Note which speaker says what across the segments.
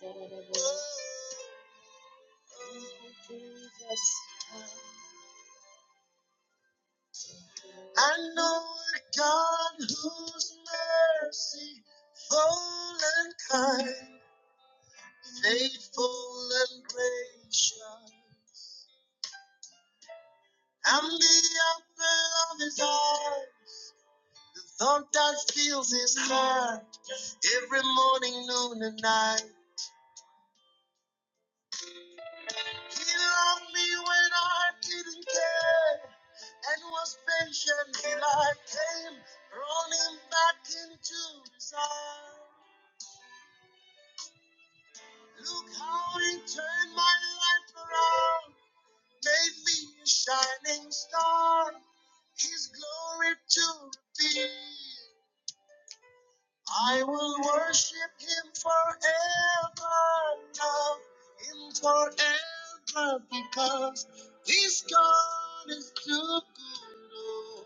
Speaker 1: Oh, I know a God whose mercy full and kind, faithful and gracious. I'm the apple of his eye. Sometimes feels his heart every morning, noon, and night. He loved me when I didn't care and was patient till I came, running back into his arms. Look how he turned my life around, made me a shining star. His glory to reveal. I will worship him forever now, him forever because this God is too good. oh.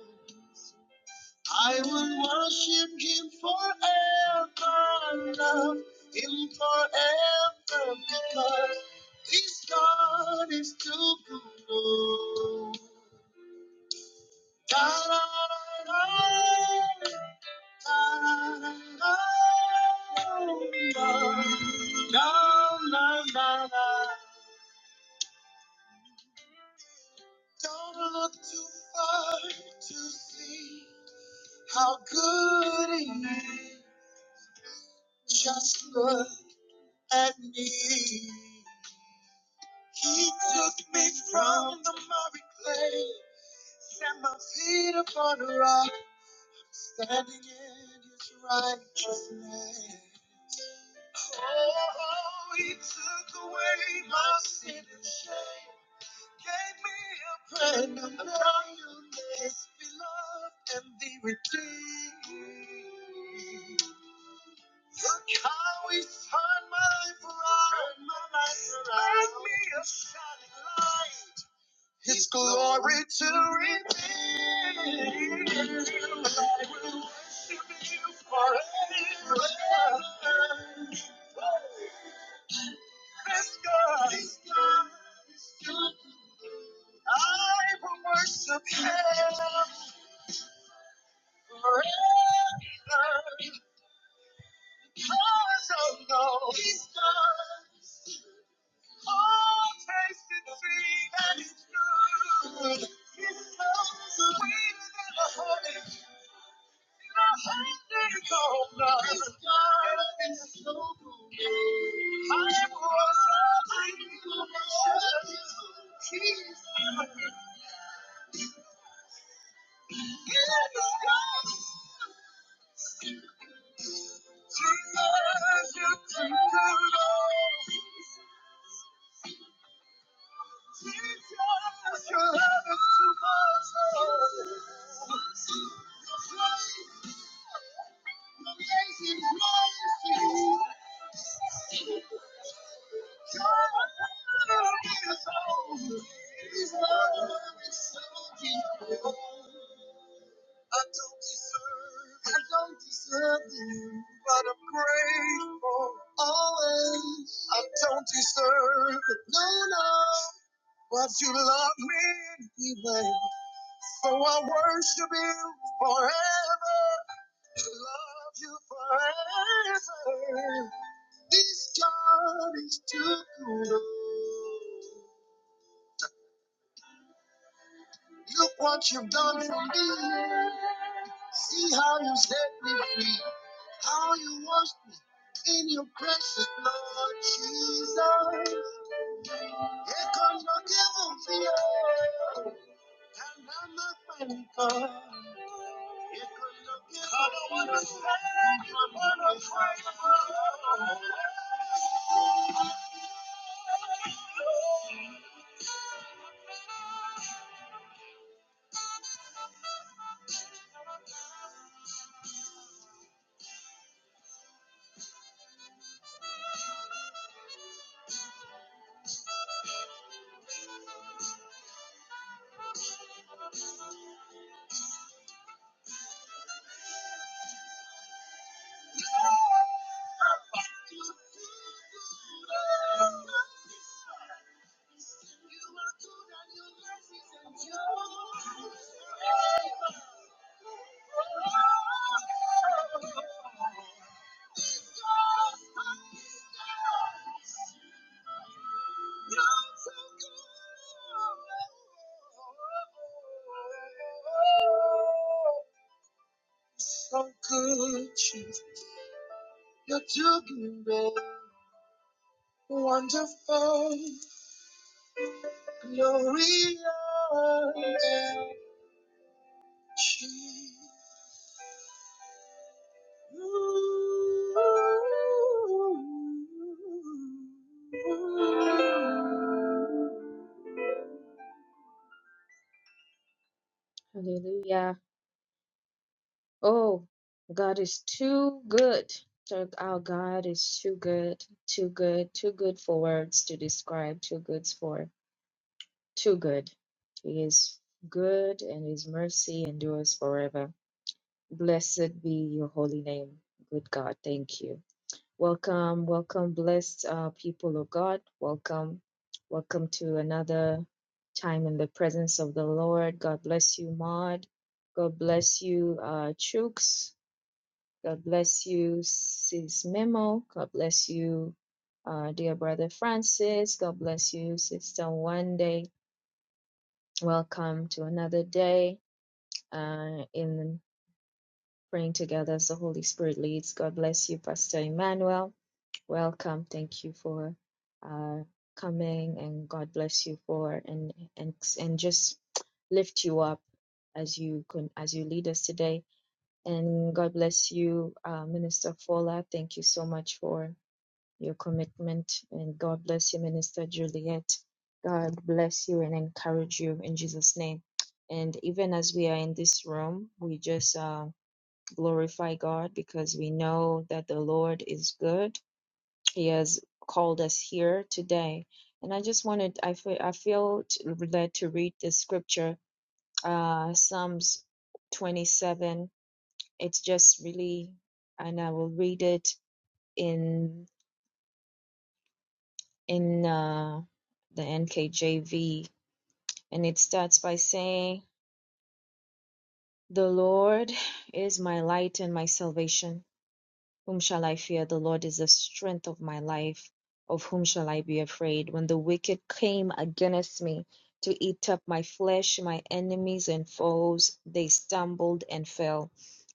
Speaker 1: I will worship him forever now, him forever because this God is too good. oh. Da, da, da, da. Don't look too far to see how good he is. Just look at me. He took me from the muddy clay, set my feet upon a rock, standing in his righteousness. Oh, he took away my sin and shame. Gave me a brand new life. His beloved and the redeemed. Look how he turned my life around. Turned my life around. Make me shining light. His glory redeem. I will forever. This God is good. I will worship him forever. Cause I know he's done all taste and see that it's good. He's so sweeter than the honey. The honey cold blood. He's good and he's so good. I will worship him. forever, He's good. I don't deserve, I don't deserve you, but I'm grateful always. I don't deserve it, no, no. But you love me anyway. So I worship you forever. Love you forever. This God is too good. Look what you've done for me. See how you set me free. How you washed me in your precious blood, Jesus. Here comes your given fear. And I'm not thankful. It could look so good. Jesus. You're doing great, wonderful, glorious. Jesus. God is too good. So Our God is too good, too good, too good for words to describe, too good for. too good. He is good and his mercy endures forever. Blessed be your holy name, good God. Thank you. Welcome, welcome, blessed uh, people of God. Welcome, welcome to another time in the presence of the Lord. God bless you, Maud. God bless you, uh, Chooks. God bless you, Sis Memo. God bless you, uh, dear brother Francis. God bless you, Sister One day. Welcome to another day uh, in praying together as the Holy Spirit leads. God bless you, Pastor Emmanuel. Welcome. Thank you for uh, coming, and God bless you for and and and just lift you up as you con- as you lead us today. And God bless you, uh, Minister Fola. Thank you so much for your commitment. And God bless you, Minister Juliet. God bless you and encourage you in Jesus' name. And even as we are in this room, we just uh, glorify God because we know that the Lord is good. He has called us here today. And I just wanted, I feel, I feel t- led to read this scripture, uh, Psalms 27. It's just really, and I will read it in in uh, the NKJV, and it starts by saying, The Lord is my light and my salvation. Whom shall I fear? The Lord is the strength of my life. Of whom shall I be afraid? When the wicked came against me to eat up my flesh, my enemies and foes, they stumbled and fell.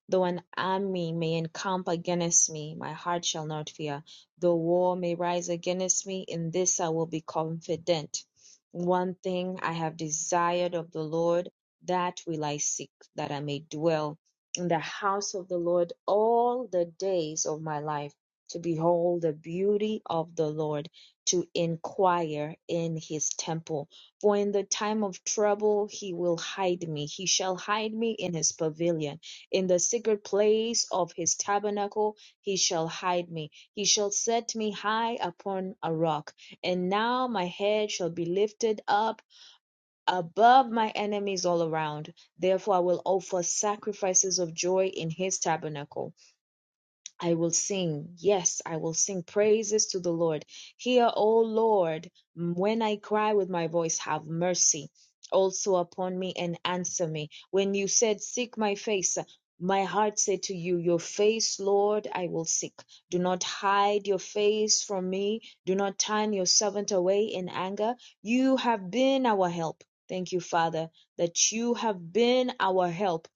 Speaker 1: Though an army may encamp against me, my heart shall not fear. Though war may rise against me, in this I will be confident. One thing I have desired of the Lord, that will I seek, that I may dwell in the house of the Lord all the days of my life, to behold the beauty of the Lord, to inquire in his temple. For in the time of trouble he will hide me. He shall hide me in his pavilion. In the secret place of his tabernacle he shall hide me. He shall set me high upon a rock. And now my head shall be lifted up above my enemies all around. Therefore, I will offer sacrifices of joy in his tabernacle. I will sing, yes, I will sing praises to the Lord. Hear, O Lord, when I cry with my voice, have mercy also upon me and answer me. When you said, Seek my face, my heart said to you, Your face, Lord, I will seek. Do not hide your face from me. Do not turn your servant away in anger. You have been our help. Thank you, Father, that you have been our help.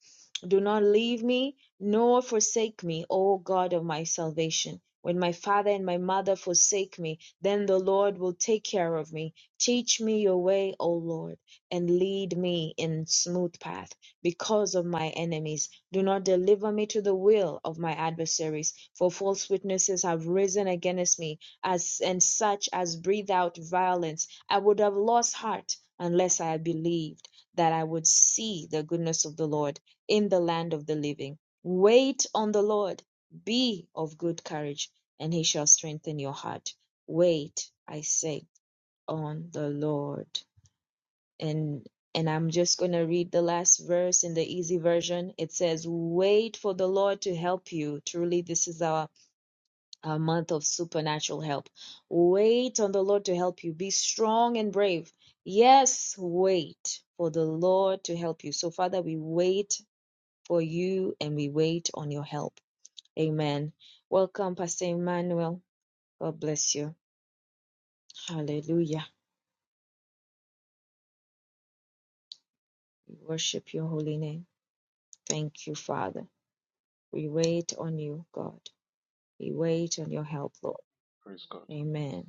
Speaker 1: Do not leave me nor forsake me, O God of my salvation. When my father and my mother forsake me, then the Lord will take care of me. Teach me your way, O Lord, and lead me in smooth path because of my enemies. Do not deliver me to the will of my adversaries, for false witnesses have risen against me, as and such as breathe out violence. I would have lost heart unless I had believed that I would see the goodness of the Lord in the land of the living. Wait on the Lord. Be of good courage, and he shall strengthen your heart. Wait, I say, on the Lord. And and I'm just going to read the last verse in the easy version. It says, "Wait for the Lord to help you." Truly, this is our our month of supernatural help. Wait on the Lord to help you. Be strong and brave. Yes, wait for the Lord to help you. So, Father, we wait for you and we wait on your help. Amen. Welcome, Pastor Emmanuel. God bless you. Hallelujah. We worship your holy name. Thank you, Father. We wait on you, God. We wait on your help, Lord.
Speaker 2: Praise God.
Speaker 1: Amen.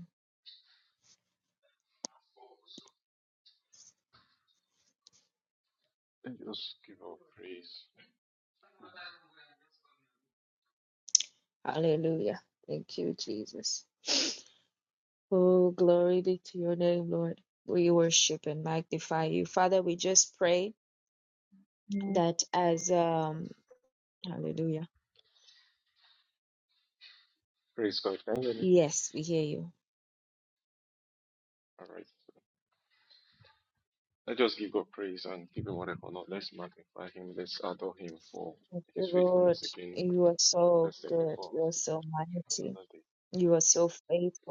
Speaker 2: Let's just give God praise.
Speaker 1: Hallelujah. Thank you, Jesus. Oh, glory be to your name, Lord. We worship and magnify you. Father, we just pray that as um hallelujah.
Speaker 2: Praise God. Can you hear me?
Speaker 1: Yes, we hear you.
Speaker 2: All right. Let's just give God praise and give him whatever honor. Let's magnify him. Let's adore him for
Speaker 1: Thank you,
Speaker 2: his
Speaker 1: Lord.
Speaker 2: faithfulness again.
Speaker 1: You are so
Speaker 2: Let's thank him
Speaker 1: good.
Speaker 2: for
Speaker 1: You are so mighty.
Speaker 2: another day.
Speaker 1: You are so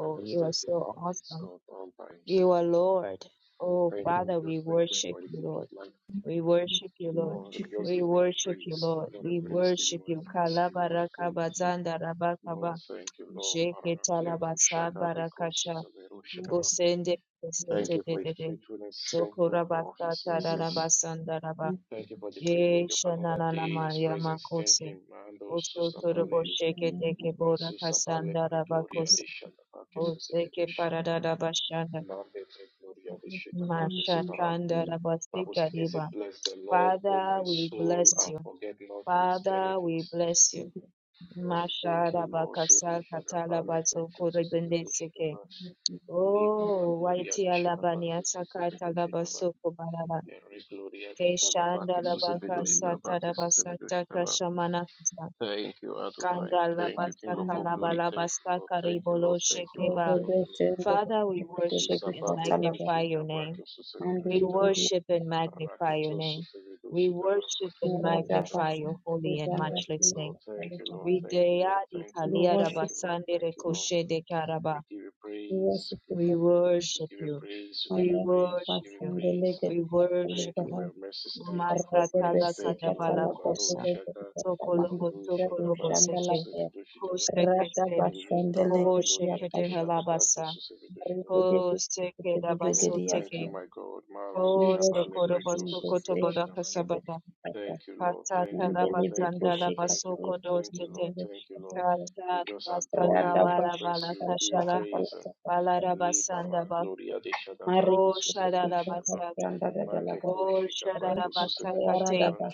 Speaker 2: I just
Speaker 1: You are
Speaker 2: thank him
Speaker 1: so
Speaker 2: for his
Speaker 1: awesome.
Speaker 2: God all by
Speaker 1: You
Speaker 2: himself.
Speaker 1: are Lord. Oh,
Speaker 2: Thank him.
Speaker 1: Father, we
Speaker 2: Just thank him
Speaker 1: worship
Speaker 2: for the
Speaker 1: you,
Speaker 2: gift of
Speaker 1: Lord.
Speaker 2: life.
Speaker 1: We worship you, Lord.
Speaker 2: Lord, just
Speaker 1: We
Speaker 2: give God a
Speaker 1: worship you,
Speaker 2: praise. Give
Speaker 1: Lord.
Speaker 2: God a
Speaker 1: We
Speaker 2: praise. Give him
Speaker 1: worship
Speaker 2: what a
Speaker 1: you.
Speaker 2: praise. Give him what a praise.
Speaker 1: Kalabarakabazanda
Speaker 2: Lord,
Speaker 1: rabakaba.
Speaker 2: thank you,
Speaker 1: Sheketalabasakabarakasha.
Speaker 2: Lord.
Speaker 1: Osende
Speaker 2: Thank you for his
Speaker 1: kesetetete.
Speaker 2: faithfulness. Thank him for his
Speaker 1: Sokorabasata
Speaker 2: mercies.
Speaker 1: rarabasanda raba.
Speaker 2: Thank you for the privilege of another day in his
Speaker 1: Yeshanananamayama
Speaker 2: presence. Thank
Speaker 1: kose.
Speaker 2: him. Mando Susabale. Susabale
Speaker 1: Osotorobosheketekeborakasanda
Speaker 2: pregloria
Speaker 1: rabakose.
Speaker 2: de Shadabake
Speaker 1: Oseke
Speaker 2: Susevedosh.
Speaker 1: paradada bashanda.
Speaker 2: Mande pre Gloria de Shadabake Sufaram.
Speaker 1: Mashatanda
Speaker 2: Bible
Speaker 1: rabasika
Speaker 2: speaking said,
Speaker 1: riba.
Speaker 2: Bless the Lord, O
Speaker 1: Father,
Speaker 2: my
Speaker 1: we
Speaker 2: soul,
Speaker 1: bless
Speaker 2: and
Speaker 1: you.
Speaker 2: forget not his
Speaker 1: Father, we
Speaker 2: benefits.
Speaker 1: bless you.
Speaker 2: Oh, thank
Speaker 1: Mashara
Speaker 2: you, Lord. Beru
Speaker 1: bakasal katala
Speaker 2: Shadabale pregloria
Speaker 1: basoko rebende
Speaker 2: Susevedosh.
Speaker 1: seke.
Speaker 2: Libra
Speaker 1: Oh,
Speaker 2: gloria
Speaker 1: waiti
Speaker 2: de
Speaker 1: alabani asaka talaba
Speaker 2: Shadabake
Speaker 1: soko baraba.
Speaker 2: Gloria de
Speaker 1: Keshanda
Speaker 2: Shadabake,
Speaker 1: labaka
Speaker 2: Susebedo
Speaker 1: sata
Speaker 2: Shadabake, Susebedo
Speaker 1: rabasata
Speaker 2: Shadabake.
Speaker 1: kashamana kasa.
Speaker 2: Thank you, Adonai.
Speaker 1: Kanda
Speaker 2: Thank you, King of
Speaker 1: labasaka
Speaker 2: all glory. Thank you, Lord.
Speaker 1: labalabasaka
Speaker 2: Thank you,
Speaker 1: ribolo
Speaker 2: Lord. Thank you, Lord.
Speaker 1: shekeba.
Speaker 2: Thank you,
Speaker 1: Father, we
Speaker 2: Lord.
Speaker 1: worship and
Speaker 2: Susabake,
Speaker 1: magnify your name.
Speaker 2: Shadabake, Susebedo
Speaker 1: We
Speaker 2: Shadabake.
Speaker 1: worship and magnify your
Speaker 2: Raketo,
Speaker 1: name.
Speaker 2: Susebedo
Speaker 1: We
Speaker 2: Shadabake,
Speaker 1: worship and
Speaker 2: Susebedo
Speaker 1: magnify
Speaker 2: Shadabake.
Speaker 1: your holy and
Speaker 2: Thank you,
Speaker 1: matchless
Speaker 2: Lord.
Speaker 1: name.
Speaker 2: Thank you, Lord.
Speaker 1: We
Speaker 2: Thank you,
Speaker 1: deya
Speaker 2: Lord.
Speaker 1: di
Speaker 2: Thank you, Lord.
Speaker 1: kalia
Speaker 2: Thank
Speaker 1: raba
Speaker 2: you, Lord.
Speaker 1: sande
Speaker 2: Thank
Speaker 1: re
Speaker 2: you, Lord.
Speaker 1: koshe de karaba.
Speaker 2: We give you praise, we give
Speaker 1: We
Speaker 2: you praise,
Speaker 1: worship
Speaker 2: we give you
Speaker 1: you.
Speaker 2: praise, we give
Speaker 1: We
Speaker 2: you praise, we
Speaker 1: worship
Speaker 2: give you
Speaker 1: you.
Speaker 2: praise.
Speaker 1: We worship
Speaker 2: Thank you for
Speaker 1: you.
Speaker 2: your mercies. Thank you for
Speaker 1: Master
Speaker 2: your
Speaker 1: tala
Speaker 2: grace. Thank you,
Speaker 1: kadabala
Speaker 2: Lord. Baruch
Speaker 1: kosa.
Speaker 2: Shaddai,
Speaker 1: Sokolobo
Speaker 2: Baruch
Speaker 1: sokolobo
Speaker 2: Shaddai,
Speaker 1: seke.
Speaker 2: Jesus, Redoshi Divine.
Speaker 1: Koshe kese.
Speaker 2: Eli Para
Speaker 1: Koshe
Speaker 2: Gloria de
Speaker 1: kede
Speaker 2: Shaddai,
Speaker 1: halabasa.
Speaker 2: Jesus, Redoshi Divine.
Speaker 1: Koshe
Speaker 2: Oh,
Speaker 1: kedabaso
Speaker 2: thank you, my God. Maru
Speaker 1: Oh,
Speaker 2: Shabale
Speaker 1: Sokorobo
Speaker 2: Brekto
Speaker 1: Sokoto
Speaker 2: Susevidoshi
Speaker 1: Bodaka
Speaker 2: Divine.
Speaker 1: Sabata,
Speaker 2: Thank you, Lord. Thank
Speaker 1: Kasata
Speaker 2: you, Lord. Thank you,
Speaker 1: Labasanda
Speaker 2: Lord. Thank you,
Speaker 1: Labasoko
Speaker 2: Lord. Thank you, Lord.
Speaker 1: Dostete,
Speaker 2: Thank you, Lord. We
Speaker 1: Kata
Speaker 2: just adore you.
Speaker 1: Basaka
Speaker 2: We
Speaker 1: Bala
Speaker 2: reference
Speaker 1: Bala
Speaker 2: you. We give you
Speaker 1: Kashala,
Speaker 2: praise.
Speaker 1: Balara
Speaker 2: Li
Speaker 1: Basanda
Speaker 2: para
Speaker 1: Ba,
Speaker 2: gloria de Shadava que
Speaker 1: Ko Shada
Speaker 2: susebedushitava.
Speaker 1: Labasata,
Speaker 2: Make
Speaker 1: Ko Shada
Speaker 2: koshikava que
Speaker 1: Labasata Te,
Speaker 2: susebedushitava.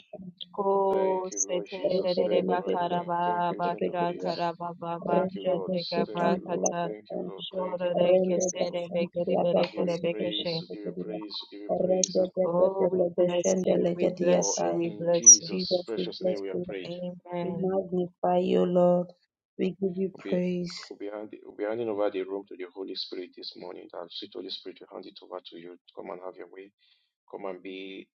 Speaker 1: Ko
Speaker 2: Thank you, Lord
Speaker 1: Sete
Speaker 2: Jesus.
Speaker 1: Lede
Speaker 2: Thank you, Adonai. Thank
Speaker 1: Bakaraba
Speaker 2: you, Ancient of
Speaker 1: Basha
Speaker 2: Days.
Speaker 1: Karaba Baba
Speaker 2: Thank you, Lord.
Speaker 1: Shate
Speaker 2: Thank you, Lord.
Speaker 1: Gabakata,
Speaker 2: Thank you, Lord. Thank
Speaker 1: Shore
Speaker 2: you, Lord. Thank you, Lord.
Speaker 1: Kesere Bekere
Speaker 2: We give
Speaker 1: Bekere
Speaker 2: you praise.
Speaker 1: Bekeshe.
Speaker 2: We give you praise. We give you praise. And
Speaker 1: Oh, we bless you, we
Speaker 2: for
Speaker 1: bless you, we
Speaker 2: in
Speaker 1: bless you.
Speaker 2: Jesus' precious name we are prayed.
Speaker 1: Amen.
Speaker 2: We'll be, we'll be, hand, we'll be handing over the room to the Holy Spirit this morning. And sweet Holy Spirit, we hand it over to you. Come and have your way. Come and be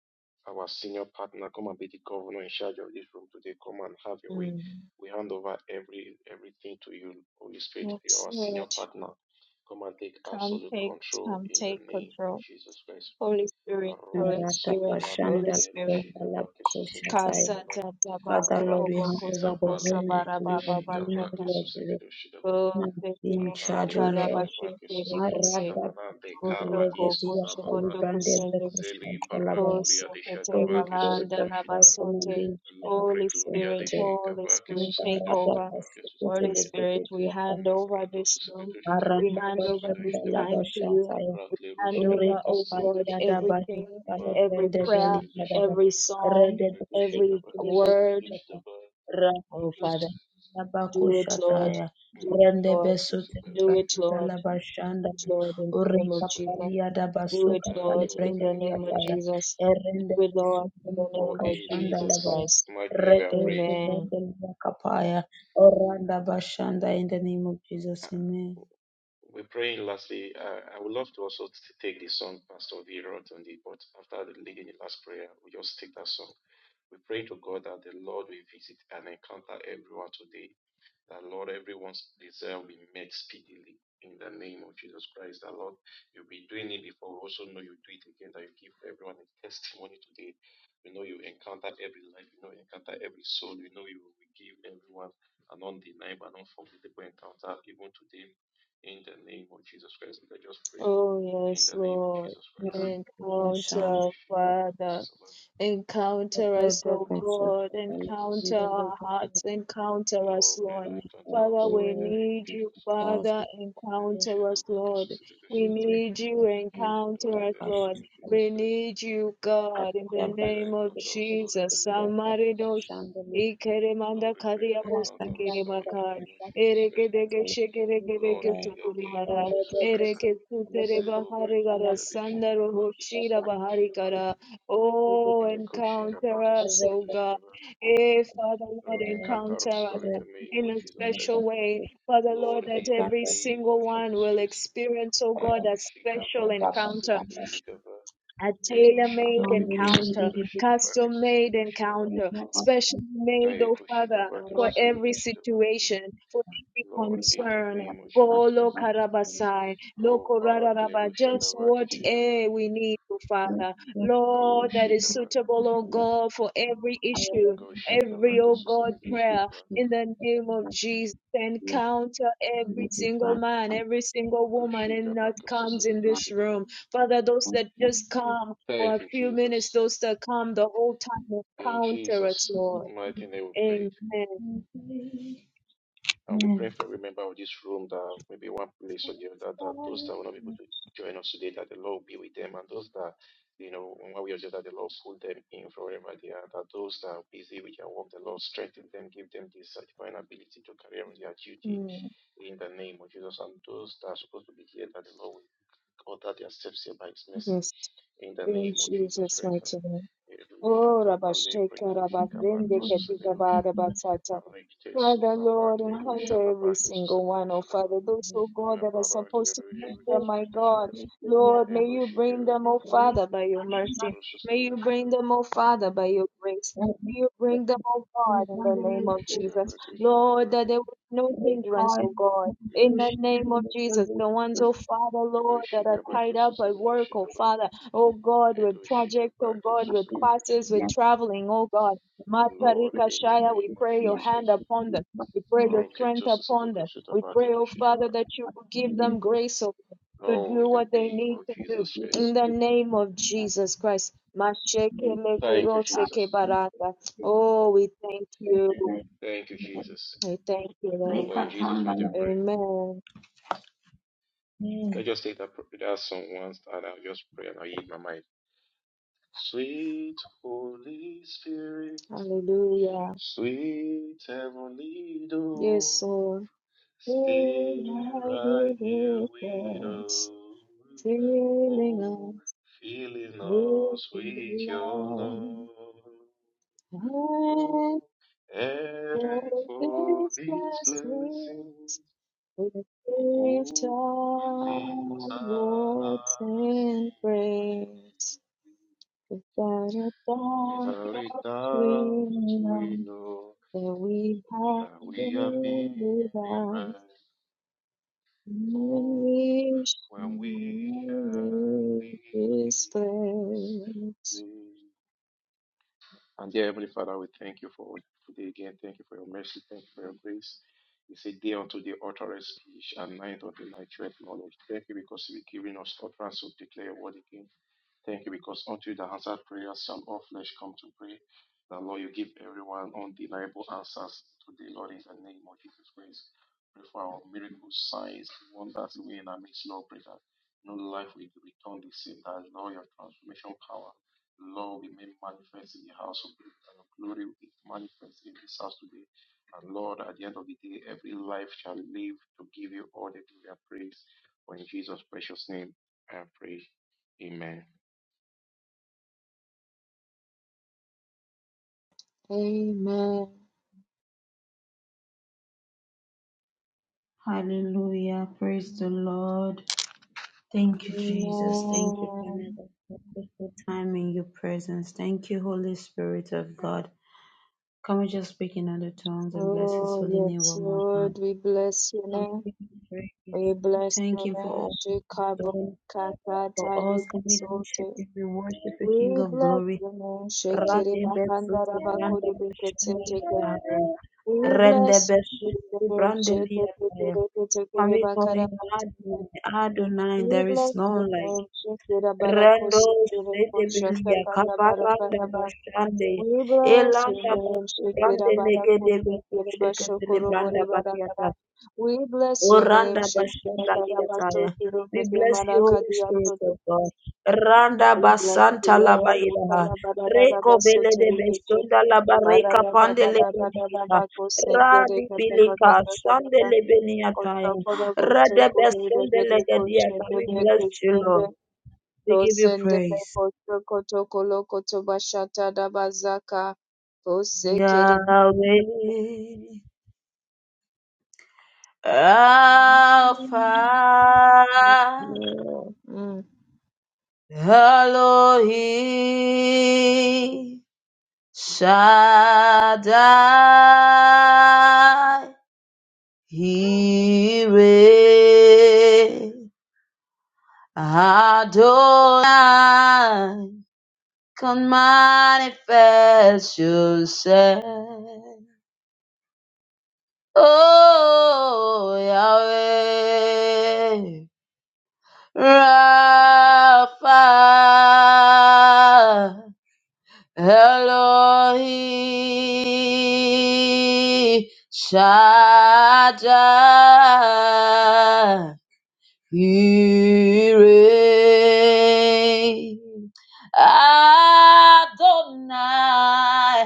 Speaker 2: our senior partner, come and be the governor in charge of this room today. Come and have your way.
Speaker 1: Mm.
Speaker 2: We hand over every everything to you, Holy Spirit. You're
Speaker 1: Yes,
Speaker 2: our senior
Speaker 1: Lord,
Speaker 2: partner. Come and take
Speaker 1: come
Speaker 2: absolute
Speaker 1: take,
Speaker 2: control
Speaker 1: come
Speaker 2: in the
Speaker 1: take
Speaker 2: name of
Speaker 1: control.
Speaker 2: Jesus Christ.
Speaker 1: Holy Spirit, Holy
Speaker 2: Rakte
Speaker 1: Spirit,
Speaker 2: sovela
Speaker 1: Holy
Speaker 2: brakle
Speaker 1: Spirit.
Speaker 2: roshika vake susevelo
Speaker 1: Kasa
Speaker 2: shikavam.
Speaker 1: tata baso
Speaker 2: Rakte
Speaker 1: kobo koso
Speaker 2: sizavale
Speaker 1: kosa
Speaker 2: ekte
Speaker 1: baraba baba
Speaker 2: shikavake
Speaker 1: shaka.
Speaker 2: susevelo
Speaker 1: O seke
Speaker 2: Arrakle
Speaker 1: sakara
Speaker 2: rusha gabake
Speaker 1: bashete
Speaker 2: susavido
Speaker 1: rekose.
Speaker 2: shamanande
Speaker 1: Koso
Speaker 2: karadi
Speaker 1: koko
Speaker 2: susabamade.
Speaker 1: shoboto
Speaker 2: Zeli parakluria de
Speaker 1: Kosekete
Speaker 2: shakavake
Speaker 1: balanda
Speaker 2: susavido shidar.
Speaker 1: labasote.
Speaker 2: Lo
Speaker 1: Holy
Speaker 2: prekluria de
Speaker 1: Spirit, Holy
Speaker 2: shikavake
Speaker 1: Spirit, take
Speaker 2: susavido
Speaker 1: over.
Speaker 2: shitavake susavido
Speaker 1: Holy
Speaker 2: shidar.
Speaker 1: Spirit, we hand over
Speaker 2: Mabrato
Speaker 1: this room.
Speaker 2: susavido
Speaker 1: We
Speaker 2: shitavake
Speaker 1: hand over
Speaker 2: susavido
Speaker 1: this
Speaker 2: shidar.
Speaker 1: time to you. We
Speaker 2: Arrakle
Speaker 1: hand
Speaker 2: rusha
Speaker 1: over,
Speaker 2: gabake
Speaker 1: oh
Speaker 2: susavido
Speaker 1: God,
Speaker 2: shitava.
Speaker 1: everything, every
Speaker 2: Mambrake
Speaker 1: prayer,
Speaker 2: susavido
Speaker 1: every
Speaker 2: shidava.
Speaker 1: song, every
Speaker 2: Redushikavake susavido
Speaker 1: word.
Speaker 2: shitava.
Speaker 1: Oh
Speaker 2: Vake
Speaker 1: Father,
Speaker 2: susavido
Speaker 1: do it, Lord. Do it, Lord. Do it,
Speaker 2: shitava.
Speaker 1: Lord. Do it, Lord, in the name of
Speaker 2: Susavido
Speaker 1: Jesus.
Speaker 2: shitava.
Speaker 1: Do it,
Speaker 2: Man,
Speaker 1: Lord,
Speaker 2: God,
Speaker 1: in the
Speaker 2: thank
Speaker 1: name
Speaker 2: you,
Speaker 1: of
Speaker 2: Lord Jesus.
Speaker 1: Jesus with Lord in the
Speaker 2: For
Speaker 1: name of
Speaker 2: in
Speaker 1: Jesus
Speaker 2: Jesus'
Speaker 1: Christ.
Speaker 2: mighty name we are prayed.
Speaker 1: Amen.
Speaker 2: Uh, we're praying lastly. Uh, I would love to also t- take the song Pastor V wrote on the, but after the leading the last prayer, we just take that song. We pray to God that the Lord will visit and encounter everyone today That Lord, everyone's desire will be met speedily in the name of Jesus Christ. That Lord, you'll be doing it before. We also know you do it again. That you give everyone a testimony today. We know you encounter every life. We know you encounter every soul. We know you will give everyone an undeniable and unforgettable encounter even today. In the name of Jesus Christ, we can just pray.
Speaker 1: Oh,
Speaker 2: In
Speaker 1: yes,
Speaker 2: the name of
Speaker 1: Lord.
Speaker 2: Jesus Christ, we go
Speaker 1: Encounter,
Speaker 2: with your
Speaker 1: Father.
Speaker 2: purpose, Lord,
Speaker 1: Encounter us, O
Speaker 2: in the
Speaker 1: God.
Speaker 2: name of Jesus.
Speaker 1: Encounter our hearts. Encounter us,
Speaker 2: Lord, pray
Speaker 1: Lord.
Speaker 2: that encounter us,
Speaker 1: Father, we
Speaker 2: Lord, in the name of
Speaker 1: need you,
Speaker 2: Jesus Christ.
Speaker 1: Father.
Speaker 2: Lord,
Speaker 1: Encounter us,
Speaker 2: shadow back to
Speaker 1: Lord.
Speaker 2: Sosito
Speaker 1: We
Speaker 2: Shadaba.
Speaker 1: need you.
Speaker 2: Lord,
Speaker 1: Encounter
Speaker 2: in
Speaker 1: us,
Speaker 2: the
Speaker 1: Lord.
Speaker 2: name of Jesus
Speaker 1: We
Speaker 2: Christ,
Speaker 1: need you, God, in the
Speaker 2: I pray that I
Speaker 1: name of
Speaker 2: encounter us, Lord, in the
Speaker 1: Jesus.
Speaker 2: name of Jesus
Speaker 1: Samaridosh.
Speaker 2: Christ.
Speaker 1: Ikeremanda
Speaker 2: Lord, I pray that I
Speaker 1: kariabos,
Speaker 2: encounter us, Lord, in the
Speaker 1: ikeremakar.
Speaker 2: name of Jesus Christ.
Speaker 1: Erekedege
Speaker 2: Lord,
Speaker 1: shekerekereke
Speaker 2: in the name of Jesus Christ.
Speaker 1: Ereke sutere
Speaker 2: Zelo
Speaker 1: bahari gara
Speaker 2: precludia de Shika
Speaker 1: sandaro
Speaker 2: Bhakti
Speaker 1: hoshira
Speaker 2: Susavita
Speaker 1: bahari
Speaker 2: Shitavan,
Speaker 1: gara. Oh,
Speaker 2: Neko Shika
Speaker 1: encounter
Speaker 2: Bhakti
Speaker 1: us, oh
Speaker 2: Susavita
Speaker 1: God.
Speaker 2: Shitavan.
Speaker 1: Eh, Father Lord,
Speaker 2: Lord, encounter our
Speaker 1: encounter us
Speaker 2: Lord in the name
Speaker 1: in
Speaker 2: of
Speaker 1: a
Speaker 2: Jesus Christ.
Speaker 1: special way. Father
Speaker 2: Lord,
Speaker 1: Lord, that
Speaker 2: in the
Speaker 1: every
Speaker 2: name
Speaker 1: single
Speaker 2: of
Speaker 1: one
Speaker 2: Jesus
Speaker 1: will
Speaker 2: Christ.
Speaker 1: experience, oh God,
Speaker 2: Ego
Speaker 1: a
Speaker 2: Shika
Speaker 1: special
Speaker 2: Bhakti
Speaker 1: encounter
Speaker 2: Susavita
Speaker 1: a tailor-made
Speaker 2: Eroshaka Bekosu
Speaker 1: encounter,
Speaker 2: Samidoshika Vakesu
Speaker 1: custom-made
Speaker 2: Samidoshitaba.
Speaker 1: encounter, specially made, oh
Speaker 2: Aekoshika
Speaker 1: Father, for
Speaker 2: Vakesu
Speaker 1: every
Speaker 2: Samidoshitaba.
Speaker 1: situation, for every
Speaker 2: Lord, in the
Speaker 1: concern.
Speaker 2: name of Jesus
Speaker 1: Golo
Speaker 2: Christ.
Speaker 1: karabasai,
Speaker 2: Oh,
Speaker 1: loko
Speaker 2: Barakle
Speaker 1: rararaba,
Speaker 2: Roshada
Speaker 1: just what
Speaker 2: Vakeshitaba.
Speaker 1: eh, we need, oh Father.
Speaker 2: Oh,
Speaker 1: Lord, that is
Speaker 2: Shikava.
Speaker 1: suitable, oh God, for every issue,
Speaker 2: Go Shika
Speaker 1: every, oh
Speaker 2: Vakesu
Speaker 1: God, prayer
Speaker 2: Samidoshitaba.
Speaker 1: in the name of Jesus. Encounter every single man, every single
Speaker 2: Go
Speaker 1: woman, and
Speaker 2: Shika
Speaker 1: that
Speaker 2: Vakesu
Speaker 1: comes in this
Speaker 2: Samidoshitaba.
Speaker 1: room Father, those that just come for a
Speaker 2: Thank you,
Speaker 1: few minutes,
Speaker 2: Jesus.
Speaker 1: those that come the whole time,
Speaker 2: In
Speaker 1: encounter us,
Speaker 2: Jesus'
Speaker 1: Lord.
Speaker 2: mighty name we pray.
Speaker 1: Amen.
Speaker 2: And we pray for every member of this room that maybe one place or the other, that those that will not be able to join us today, that the Lord will be with them. And those that, you know, in one way or the other, the Lord pull them in from wherever they are. That those that are busy with their work, the Lord strengthen them, give them this uh, divine ability to carry on their duty
Speaker 1: Mm,
Speaker 2: in the name of Jesus. And those that are supposed to be here, that the Lord will order their steps here by His mercy
Speaker 1: Yes,
Speaker 2: in the
Speaker 1: in
Speaker 2: name of Jesus
Speaker 1: Jesus'
Speaker 2: Christ.
Speaker 1: mighty
Speaker 2: And
Speaker 1: name.
Speaker 2: Erusha
Speaker 1: Oh,
Speaker 2: Kabale
Speaker 1: Rabasheka,
Speaker 2: Prekrushi
Speaker 1: Rabazende,
Speaker 2: Kabakti
Speaker 1: Katika,
Speaker 2: Susevedoshi.
Speaker 1: Barabasata.
Speaker 2: Arrekte
Speaker 1: Father,
Speaker 2: susavak
Speaker 1: Lord,
Speaker 2: leru
Speaker 1: encounter every
Speaker 2: shadabak
Speaker 1: single one,
Speaker 2: susaberu
Speaker 1: oh Father,
Speaker 2: shadabak.
Speaker 1: those, oh God,
Speaker 2: My
Speaker 1: that are
Speaker 2: barak
Speaker 1: supposed to
Speaker 2: leru
Speaker 1: be
Speaker 2: yevi
Speaker 1: here, my
Speaker 2: gusbek
Speaker 1: God.
Speaker 2: shadabak.
Speaker 1: Lord, may
Speaker 2: Ego
Speaker 1: you
Speaker 2: shike
Speaker 1: bring them, oh
Speaker 2: gusbu.
Speaker 1: Father, by your mercy.
Speaker 2: Ego
Speaker 1: May you
Speaker 2: susaberu
Speaker 1: bring
Speaker 2: shadabak.
Speaker 1: them, oh Father, by your grace. May you bring them, oh God, in the name
Speaker 2: Ego
Speaker 1: of
Speaker 2: shike
Speaker 1: Jesus.
Speaker 2: bak shike
Speaker 1: Lord, that
Speaker 2: bak.
Speaker 1: there was no hindrance, oh God. In the name of Jesus, the ones, oh Father,
Speaker 2: Ego
Speaker 1: Lord, that are
Speaker 2: shike bak
Speaker 1: tied up at
Speaker 2: susaberu
Speaker 1: work, oh
Speaker 2: shadabak.
Speaker 1: Father, oh God, with
Speaker 2: Ego shike
Speaker 1: projects, oh
Speaker 2: bak
Speaker 1: God, with
Speaker 2: susaberu
Speaker 1: classes, with
Speaker 2: shadabak.
Speaker 1: traveling, oh God.
Speaker 2: The Lord
Speaker 1: Matarika
Speaker 2: in the
Speaker 1: Shaya, we
Speaker 2: name of
Speaker 1: pray your
Speaker 2: Jesus
Speaker 1: hand
Speaker 2: Christ.
Speaker 1: upon them. We pray your
Speaker 2: Rocket
Speaker 1: strength
Speaker 2: Jesus
Speaker 1: upon them. We
Speaker 2: Shadabak
Speaker 1: pray, oh Father,
Speaker 2: Shadabak.
Speaker 1: that you will give them grace oh, God, to
Speaker 2: Oh,
Speaker 1: do
Speaker 2: in the
Speaker 1: what they
Speaker 2: name
Speaker 1: need
Speaker 2: of
Speaker 1: to do.
Speaker 2: Jesus
Speaker 1: In
Speaker 2: Christ.
Speaker 1: the name of Jesus Christ. Mashekele
Speaker 2: Thank you, Jesus.
Speaker 1: kuroseke barata. Oh, we thank you.
Speaker 2: Thank you, Jesus.
Speaker 1: We thank you, Lord.
Speaker 2: For in Jesus' mighty name. pray.
Speaker 1: Amen.
Speaker 2: Let's just take that, that song once and I'll just pray and I'll yield my mind. Sweet Holy Spirit,
Speaker 1: Hallelujah.
Speaker 2: sweet heavenly
Speaker 1: Yes,
Speaker 2: dove,
Speaker 1: Lord. Fill
Speaker 2: stay
Speaker 1: us
Speaker 2: right
Speaker 1: with
Speaker 2: here
Speaker 1: your
Speaker 2: with
Speaker 1: presence,
Speaker 2: us.
Speaker 1: filling
Speaker 2: Oh,
Speaker 1: us
Speaker 2: filling
Speaker 1: with
Speaker 2: us with
Speaker 1: your
Speaker 2: your
Speaker 1: love.
Speaker 2: love.
Speaker 1: And
Speaker 2: Oh, and
Speaker 1: for
Speaker 2: for
Speaker 1: this
Speaker 2: these
Speaker 1: blessing,
Speaker 2: blessings.
Speaker 1: we lift
Speaker 2: Oh, we lift
Speaker 1: our
Speaker 2: our
Speaker 1: voice
Speaker 2: hearts
Speaker 1: in
Speaker 2: in
Speaker 1: praise. Without a
Speaker 2: praise.
Speaker 1: doubt,
Speaker 2: Without a
Speaker 1: we
Speaker 2: doubt, we
Speaker 1: know
Speaker 2: know
Speaker 1: that we have
Speaker 2: that we are
Speaker 1: been
Speaker 2: being
Speaker 1: with us,
Speaker 2: revived.
Speaker 1: and
Speaker 2: Oh,
Speaker 1: we
Speaker 2: when we
Speaker 1: shall
Speaker 2: shall
Speaker 1: leave
Speaker 2: leave
Speaker 1: this
Speaker 2: this
Speaker 1: place.
Speaker 2: place. And dear Heavenly Father, we thank you for today again. Thank you for your mercy. Thank you for your grace. It's a day unto the utterance speech and night unto the night knowledge. Thank you because you've given us utterance to declare your word again. Thank you, because unto the answered prayers shall all flesh come to pray. The Lord, you give everyone undeniable answers today, Lord, in the name of Jesus Christ. Pray for our miracles, signs, wonders, we in our midst, Lord, pray that no life will return the same, that, Lord, your transformation power, Lord, we may manifest in the house of God, and your glory will be manifest in this house today. And Lord, at the end of the day, every life shall live to give you all the glory and praise. For in Jesus' precious name, I pray. Amen.
Speaker 1: Amen. Amen. Oh, yes, Lord, we bless your name. We bless your name, Shikabakatari Sote. We bless your name, Shikiri Bakandara Bakuri Bikiteke. We bless your name, Shikiri Bakara Bakateke. We bless your name, Shikira Barakosi Kireko Shatakata Barakaraba. We bless your name, Shekira Barakote, Kereba Shokoro Bori Baragara. We bless your name, Shekira Garabato, Tirumede Marakadia Soto. We bless you, Lord, Ikara Baradabaso, Terikete, Baradadabako, Sendere, Katabakasakabaka, Kotokoro, Gotoko, Redeko, Shendere, Kisende, Tosende, Kotoko, Tokolo, Kotobashata, Dabazaka. Yeah. Mm.
Speaker 3: manifest yourself. Oh, Yahweh, Rapha, Elohi, Shaddai, Yireh, Adonai.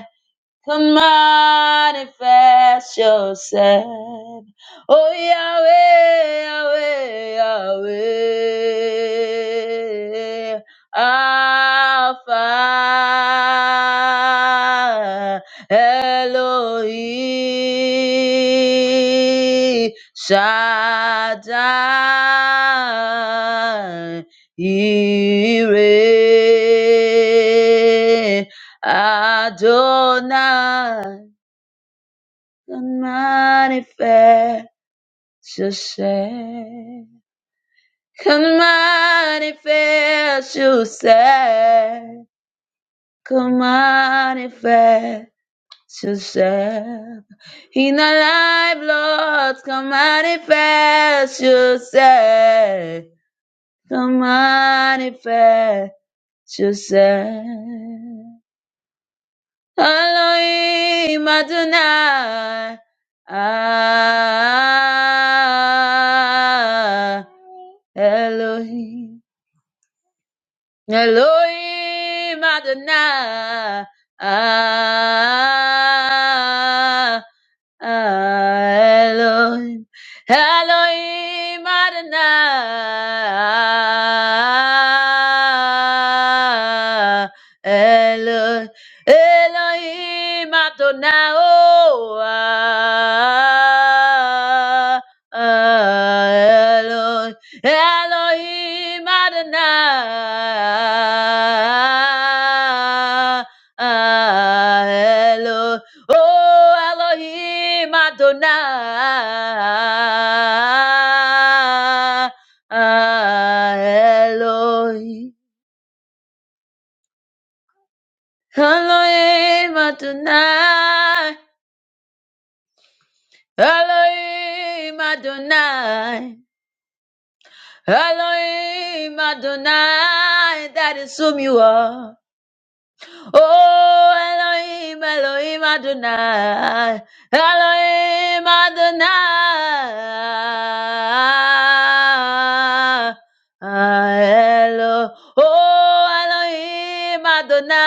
Speaker 3: Come manifest yourself. Oh Yahweh, Yahweh, Yahweh, Alpha Elohim Shaddai. Ire Adonai can manifest yourself. Can manifest yourself. Can manifest yourself. In our life, Lord, Come manifest yourself. Come manifest yourself. Elohim Adonai. Ah, Elohim. Elohim Adonai. Ah, Elohim, Elohim Adonai, Elohim, Elohim Adonai, oh, ah, ah, Elo, Elohim Adonai, ah, Elo, Oh Elohim Adonai. Elohim. Elohim Adonai. Elohim Adonai. Elohim Adonai. That is whom you are. Oh, Elohim, Elohim Adonai, Elohim Adonai, Elo, oh, Elohim Adonai,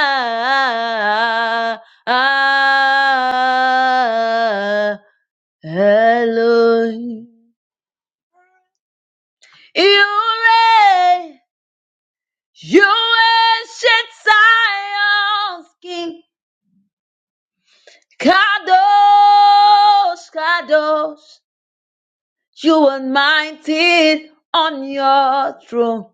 Speaker 3: Elohim. You reign, you ancient Zion's king. Kados, Kados, you are mighty on your throne.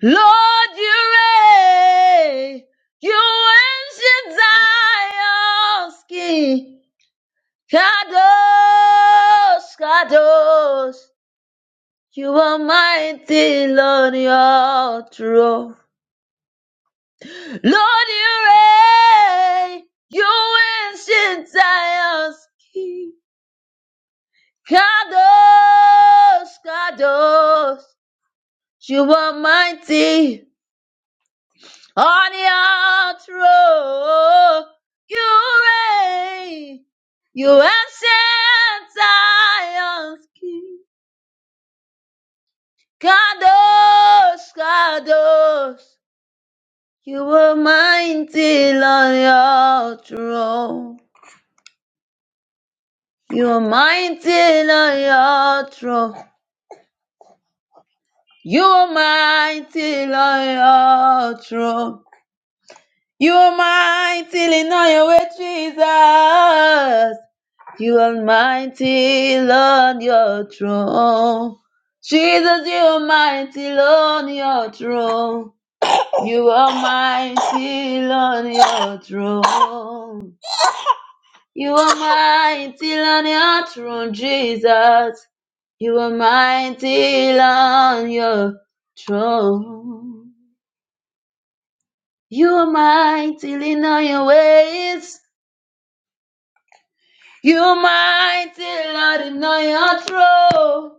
Speaker 3: Lord, you reign, you ancient Zion's king. Kados, Kados, you are mighty on your throne. Lord, you reign, you ancient Zion's king. Kadosh, Kadosh, you are mighty on your throne. You reign, you ancient Zion's King. Kadosh, Kadosh, you are mighty on your throne. You are mighty on your throne. You are mighty on your throne. You almighty in all your way, Jesus. You almighty on your throne. Jesus, you almighty on your throne. You almighty on your throne. You almighty on your throne, Jesus. You almighty on your throne. You almighty in all your ways. You mighty Lord in your throne.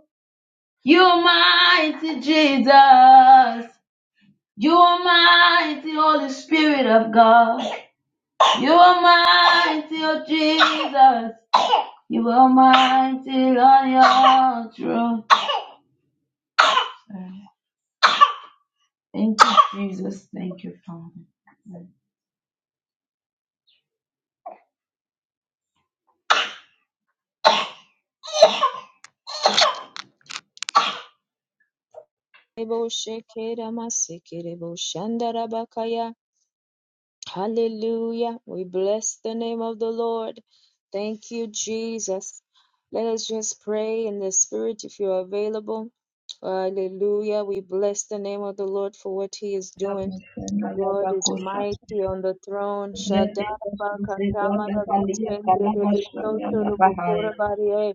Speaker 3: You mighty Jesus. You mighty Holy Spirit of God. You mighty, oh Jesus. You are mighty Lord in your throne. Thank you, Jesus. Thank you, Father.
Speaker 1: Hallelujah. We bless the name of the Lord. Thank you, Jesus. Let us just pray in the spirit if you're available. Hallelujah. We bless the name of the Lord for what he is
Speaker 3: Help
Speaker 1: doing.
Speaker 3: me, friend, I love
Speaker 1: God
Speaker 3: our
Speaker 1: is
Speaker 3: Kosha.
Speaker 1: mighty on the throne.
Speaker 3: Let us do the Kosha say, God, I love you, I love you, I love you,
Speaker 1: Shadarabakatamarakosenderebesotorobokora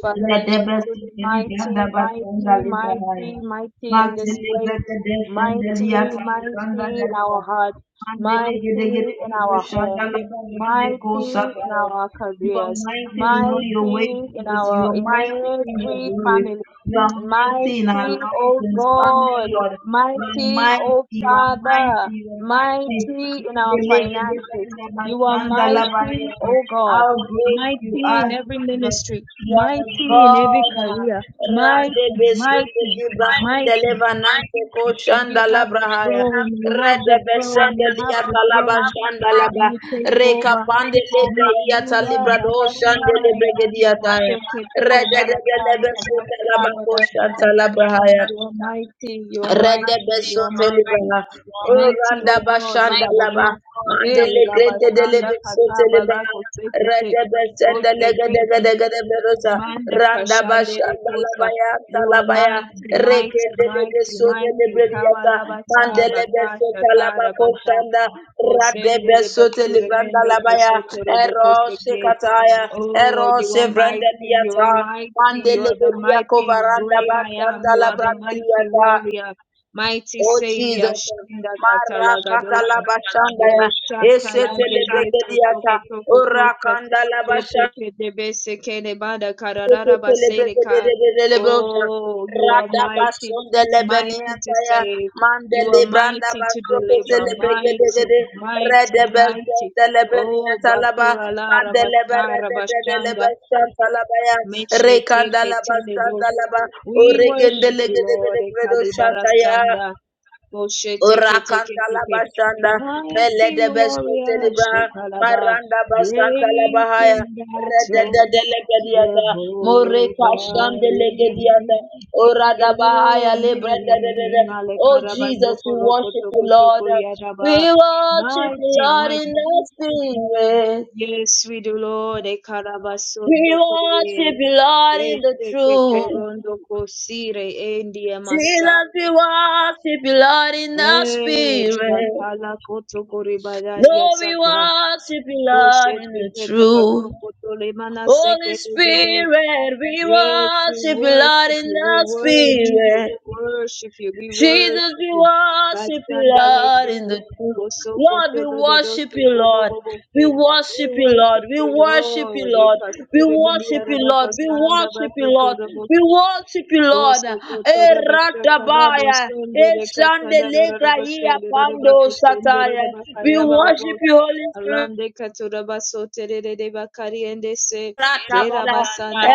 Speaker 1: Father,
Speaker 3: You are
Speaker 1: you
Speaker 3: mighty
Speaker 1: are truly mighty, mighty, mighty, mighty in this place mighty, mighty in our hearts, mighty in our homes, mighty in our careers,
Speaker 3: in all your ways,
Speaker 1: mighty in
Speaker 3: Jesus. You
Speaker 1: our
Speaker 3: are
Speaker 1: in
Speaker 3: mighty in your
Speaker 1: every
Speaker 3: glory.
Speaker 1: family,
Speaker 3: You are mighty in our
Speaker 1: mighty,
Speaker 3: lives
Speaker 1: oh
Speaker 3: and family,
Speaker 1: God,
Speaker 3: Lord. You are
Speaker 1: mighty,
Speaker 3: mighty,
Speaker 1: oh
Speaker 3: you are mighty,
Speaker 1: Father,
Speaker 3: you are mighty.
Speaker 1: mighty in our
Speaker 3: Mandelege de
Speaker 1: finances.
Speaker 3: banda
Speaker 1: You are
Speaker 3: bashanda la
Speaker 1: mighty,
Speaker 3: bayeta.
Speaker 1: oh God,
Speaker 3: How great you
Speaker 1: mighty
Speaker 3: are,
Speaker 1: in every
Speaker 3: Jesus.
Speaker 1: ministry
Speaker 3: You are
Speaker 1: mighty
Speaker 3: the
Speaker 1: in every
Speaker 3: God.
Speaker 1: career,
Speaker 3: Rande
Speaker 1: mighty,
Speaker 3: besende
Speaker 1: mighty,
Speaker 3: libra onde
Speaker 1: mighty.
Speaker 3: leva nante ko
Speaker 1: And you
Speaker 3: shanda
Speaker 1: have
Speaker 3: labra
Speaker 1: the
Speaker 3: haya.
Speaker 1: throne, you have
Speaker 3: Rede
Speaker 1: the throne, you have
Speaker 3: liya
Speaker 1: the
Speaker 3: talaba
Speaker 1: throne.
Speaker 3: shanda laba.
Speaker 1: You take over. You, you are Labasta Paraganda Moshe Ketele Barakai Kabose Kebadashita. You are mighty, you are mighty, you are mighty. Mighty, O God, in our midst. Hey, Labasanda Kataba Lako Sekete. Manda Kashande Reposa. You are mighty, mighty, mighty, mighty. Kabalabata Bakasha Tarabata. Oshendere basuremendo kosotoro bokoseke. Oh, you are mighty, you are mighty, you are the mighty, great I am, you are the mighty warrior, mighty savior, Shanda Katalagadosha. Oh, Shatalagade, Toko Toko Tosa, Jeteke Debese Kedebada Kararara Baserika. Oh, you are mighty, mighty to
Speaker 3: Raya
Speaker 1: save.
Speaker 3: mande
Speaker 1: You are
Speaker 3: libranda
Speaker 1: mighty to
Speaker 3: baso ko
Speaker 1: deliver,
Speaker 3: de de
Speaker 1: mighty,
Speaker 3: de.
Speaker 1: mighty,
Speaker 3: Rede
Speaker 1: mighty.
Speaker 3: besende lebe niya
Speaker 1: Oh,
Speaker 3: talaba.
Speaker 1: Bakura Lara
Speaker 3: Mande lebe
Speaker 1: Baskara
Speaker 3: rede de de lebe
Speaker 1: Bashanda,
Speaker 3: shanda laba ya.
Speaker 1: Meshe
Speaker 3: Rekanda
Speaker 1: Teke
Speaker 3: laba shanda
Speaker 1: Teledos.
Speaker 3: laba.
Speaker 1: We
Speaker 3: Oregende
Speaker 1: worship you,
Speaker 3: lege de de
Speaker 1: Lord,
Speaker 3: de bredo shanda ya.
Speaker 1: Ekalibarasanda, Moshe Teke Teke
Speaker 3: Orakanta la
Speaker 1: Teke.
Speaker 3: bashanda, mele
Speaker 1: Mighty
Speaker 3: de beskote
Speaker 1: warrior,
Speaker 3: libraha,
Speaker 1: Shekalaba,
Speaker 3: maranda bastanta la
Speaker 1: great
Speaker 3: bahaya,
Speaker 1: in
Speaker 3: rede de
Speaker 1: battle,
Speaker 3: de legediata, more kashande legediata,
Speaker 1: Jehovah
Speaker 3: orada bahaya libranda de de de.
Speaker 1: Yoronim,
Speaker 3: Oh Jesus, we worship you, Lord. We
Speaker 1: Alekarabazokorokotokotokoyaraba.
Speaker 3: worship you,
Speaker 1: Mighty,
Speaker 3: Lord, in
Speaker 1: mighty.
Speaker 3: the spirit.
Speaker 1: Yes, we do, Lord. Ekarabaso
Speaker 3: We
Speaker 1: toko.
Speaker 3: worship
Speaker 1: Ekarabasotokoye.
Speaker 3: you, Lord, in the truth.
Speaker 1: Esekeporondokosire, Endiamasa.
Speaker 3: Jesus, we worship you, Lord, in the
Speaker 1: Eh,
Speaker 3: spirit.
Speaker 1: Shatala
Speaker 3: Lord, we
Speaker 1: Kotokoribadariasaka.
Speaker 3: worship you, Lord, in
Speaker 1: Koshete
Speaker 3: the truth. Holy
Speaker 1: Petapasokotolemanaseke
Speaker 3: Spirit, we
Speaker 1: Yes, we
Speaker 3: worship you, Lord,
Speaker 1: worship
Speaker 3: in
Speaker 1: you, we
Speaker 3: the
Speaker 1: worship you, we
Speaker 3: spirit.
Speaker 1: worship you, we
Speaker 3: Jesus,
Speaker 1: worship
Speaker 3: we
Speaker 1: you.
Speaker 3: worship you,
Speaker 1: Bashanda
Speaker 3: Lord, in
Speaker 1: lekete,
Speaker 3: the truth.
Speaker 1: koso
Speaker 3: Lord,
Speaker 1: koto
Speaker 3: we
Speaker 1: lododo
Speaker 3: worship
Speaker 1: se
Speaker 3: you,
Speaker 1: gobo
Speaker 3: Lord.
Speaker 1: bobo
Speaker 3: We
Speaker 1: se. We
Speaker 3: worship you, Lord.
Speaker 1: worship
Speaker 3: We
Speaker 1: you,
Speaker 3: worship you,
Speaker 1: Lord.
Speaker 3: Lord. We
Speaker 1: Ekasturi
Speaker 3: worship
Speaker 1: biliara
Speaker 3: you, Lord. We
Speaker 1: bakasanda
Speaker 3: worship you,
Speaker 1: bakoto
Speaker 3: Lord.
Speaker 1: rabo,
Speaker 3: We worship you, Lord.
Speaker 1: koso koto raba shaka rabo,
Speaker 3: Eratabaya.
Speaker 1: sondere kasanda rara raba se,
Speaker 3: Eshandelegraia
Speaker 1: rara raba
Speaker 3: pando
Speaker 1: kusendere
Speaker 3: sataya. We
Speaker 1: raba
Speaker 3: worship you, Holy Spirit.
Speaker 1: Arande katurabaso tererere bakariende se
Speaker 3: Lebranda
Speaker 1: kerabasanda.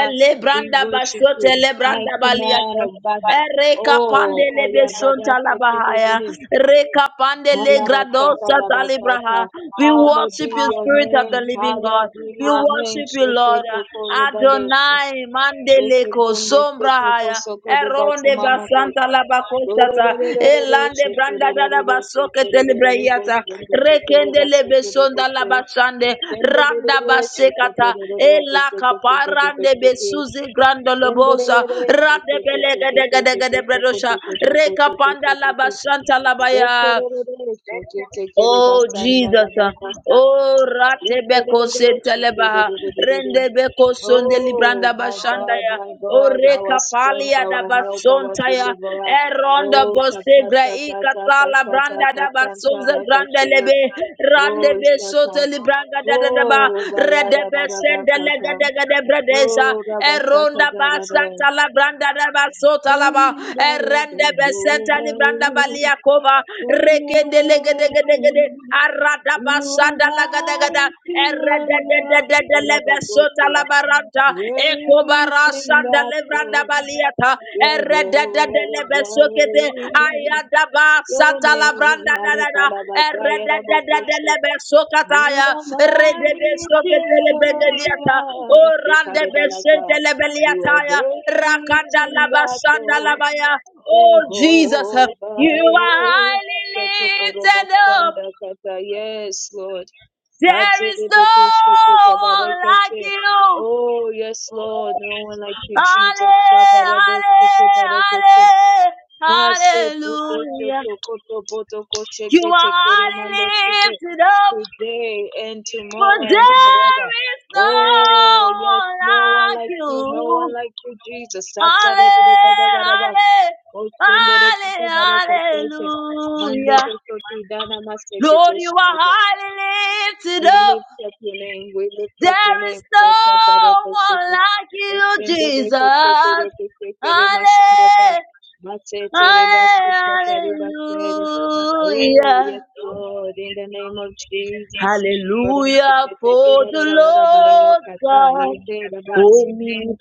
Speaker 1: We worship you,
Speaker 3: Basote, Lebranda
Speaker 1: mighty man
Speaker 3: Baliata,
Speaker 1: of battle.
Speaker 3: Ereka
Speaker 1: Oh,
Speaker 3: Pandele Besonta
Speaker 1: kayabadase
Speaker 3: Labahaya,
Speaker 1: kedegede.
Speaker 3: Reka Pandele
Speaker 1: Halabasa
Speaker 3: Gradosa
Speaker 1: kadabasata.
Speaker 3: Talibraha. We
Speaker 1: Hallowed be
Speaker 3: worship you,
Speaker 1: your
Speaker 3: Spirit of
Speaker 1: name.
Speaker 3: the Living God.
Speaker 1: Hallowed be
Speaker 3: We
Speaker 1: your name.
Speaker 3: worship you,
Speaker 1: Sheke
Speaker 3: Lord.
Speaker 1: toko rebandese.
Speaker 3: Adonai Mandele
Speaker 1: Sheke tunde se toko
Speaker 3: Kosombrahaya.
Speaker 1: soko de
Speaker 3: Eronde
Speaker 1: batsumanako.
Speaker 3: basanta la bakosata.
Speaker 1: Dorererererere.
Speaker 3: Elande
Speaker 1: Sheke
Speaker 3: branda da la
Speaker 1: rererere. Sheke
Speaker 3: basoke
Speaker 1: rererere.
Speaker 3: telebreyata.
Speaker 1: Goshende se
Speaker 3: Rekende le besonda la
Speaker 1: terebasu
Speaker 3: basande.
Speaker 1: Oh, my
Speaker 3: Randa basekata. Ela kaparande besuzi grando lobosa. Rande belega dega dega de bredosha. Rekapanda la basanta la baya. Oh Jesus, ah. oh Ratebeko Sentelebaha, Rendebeko Sonde Libranda
Speaker 1: God,
Speaker 3: Bashandaya,
Speaker 1: my
Speaker 3: O
Speaker 1: God, our
Speaker 3: Reka
Speaker 1: strength,
Speaker 3: Palia da
Speaker 1: our help, our
Speaker 3: Basontaya,
Speaker 1: deliverer.
Speaker 3: Eronda
Speaker 1: Oh, katata,
Speaker 3: Bosegra
Speaker 1: katata,
Speaker 3: Ikatala
Speaker 1: katata,
Speaker 3: Branda da
Speaker 1: katanta,
Speaker 3: Basonza Granda
Speaker 1: rakashe.
Speaker 3: Lebe,
Speaker 1: Oh,
Speaker 3: Randebe
Speaker 1: shaka.
Speaker 3: Sote Libranga da da da ba,
Speaker 1: Oh,
Speaker 3: Redebe
Speaker 1: Vayadadadakata.
Speaker 3: Bredesa,
Speaker 1: Oh,
Speaker 3: Eronda
Speaker 1: Rabasakadabada.
Speaker 3: Basanta La Branda Basota Laba,
Speaker 1: Bringing that old
Speaker 3: Erende Besenta
Speaker 1: over.
Speaker 3: Libranda Baliakova, Rekende
Speaker 1: Oh,
Speaker 3: Legedegede, Arada
Speaker 1: you are
Speaker 3: Basanda Lagadagada,
Speaker 1: mighty, you are love.
Speaker 3: Erede Lebesota
Speaker 1: Kalabatosia.
Speaker 3: Labaranta,
Speaker 1: Great in
Speaker 3: Ekobarasanda Lebranda
Speaker 1: battle,
Speaker 3: Baliata, Erede
Speaker 1: Jehovah.
Speaker 3: Dedelebesekete, ayadaba,
Speaker 1: Your name,
Speaker 3: satalabranda, dadada,
Speaker 1: Alekalabazaya You
Speaker 3: eredededelebesekataya,
Speaker 1: are mighty
Speaker 3: rededebesekatelebegediata,
Speaker 1: warrior. Shekadebalaka. You are
Speaker 3: orandebesentelebeletaya,
Speaker 1: great in battle.
Speaker 3: rakandalabasandalabaya. Oh Jesus, you
Speaker 1: Jehovah
Speaker 3: are
Speaker 1: is.
Speaker 3: highly lifted up.
Speaker 1: Katokorobosanda kata. Yes, Lord.
Speaker 3: There is no one like
Speaker 1: Katerebetosheketebarekese.
Speaker 3: you.
Speaker 1: Oh, yes, Lord. No one like you, Jesus.
Speaker 3: Halle-
Speaker 1: Kabaradoshekebarekose.
Speaker 3: halle-
Speaker 1: Pase toko
Speaker 3: Hallelujah.
Speaker 1: shoto koto poto
Speaker 3: You
Speaker 1: kosheke
Speaker 3: are
Speaker 1: tekere
Speaker 3: highly
Speaker 1: mando suke.
Speaker 3: lifted up,
Speaker 1: Today and tomorrow
Speaker 3: for
Speaker 1: and
Speaker 3: there
Speaker 1: forever.
Speaker 3: is
Speaker 1: Oh,
Speaker 3: no
Speaker 1: yes,
Speaker 3: one
Speaker 1: no one
Speaker 3: like
Speaker 1: like you, no one
Speaker 3: you.
Speaker 1: like you, Jesus. Saturday,
Speaker 3: Halle-
Speaker 1: Gadagadabat,
Speaker 3: halle-
Speaker 1: Oshende, Rekata,
Speaker 3: halle-
Speaker 1: Barako, Sete,
Speaker 3: Hallelujah.
Speaker 1: Koto, Dana, Maseke,
Speaker 3: Lord, you are
Speaker 1: Toshike.
Speaker 3: highly lifted
Speaker 1: We
Speaker 3: up.
Speaker 1: lift up your name. We lift up your
Speaker 3: There
Speaker 1: name.
Speaker 3: is
Speaker 1: Tata
Speaker 3: no one
Speaker 1: Parakasiki.
Speaker 3: like you,
Speaker 1: Ekende reko soto
Speaker 3: Jesus.
Speaker 1: roko sekere mashunda ba.
Speaker 3: Hallelujah.
Speaker 1: Masete rebasu tata Oh, yes,
Speaker 3: Hallelujah.
Speaker 1: Lord, in the name of Jesus.
Speaker 3: Hallelujah
Speaker 1: Parakasiki
Speaker 3: for the
Speaker 1: rarararara
Speaker 3: Lord
Speaker 1: barakata.
Speaker 3: God,
Speaker 1: Yete rabos.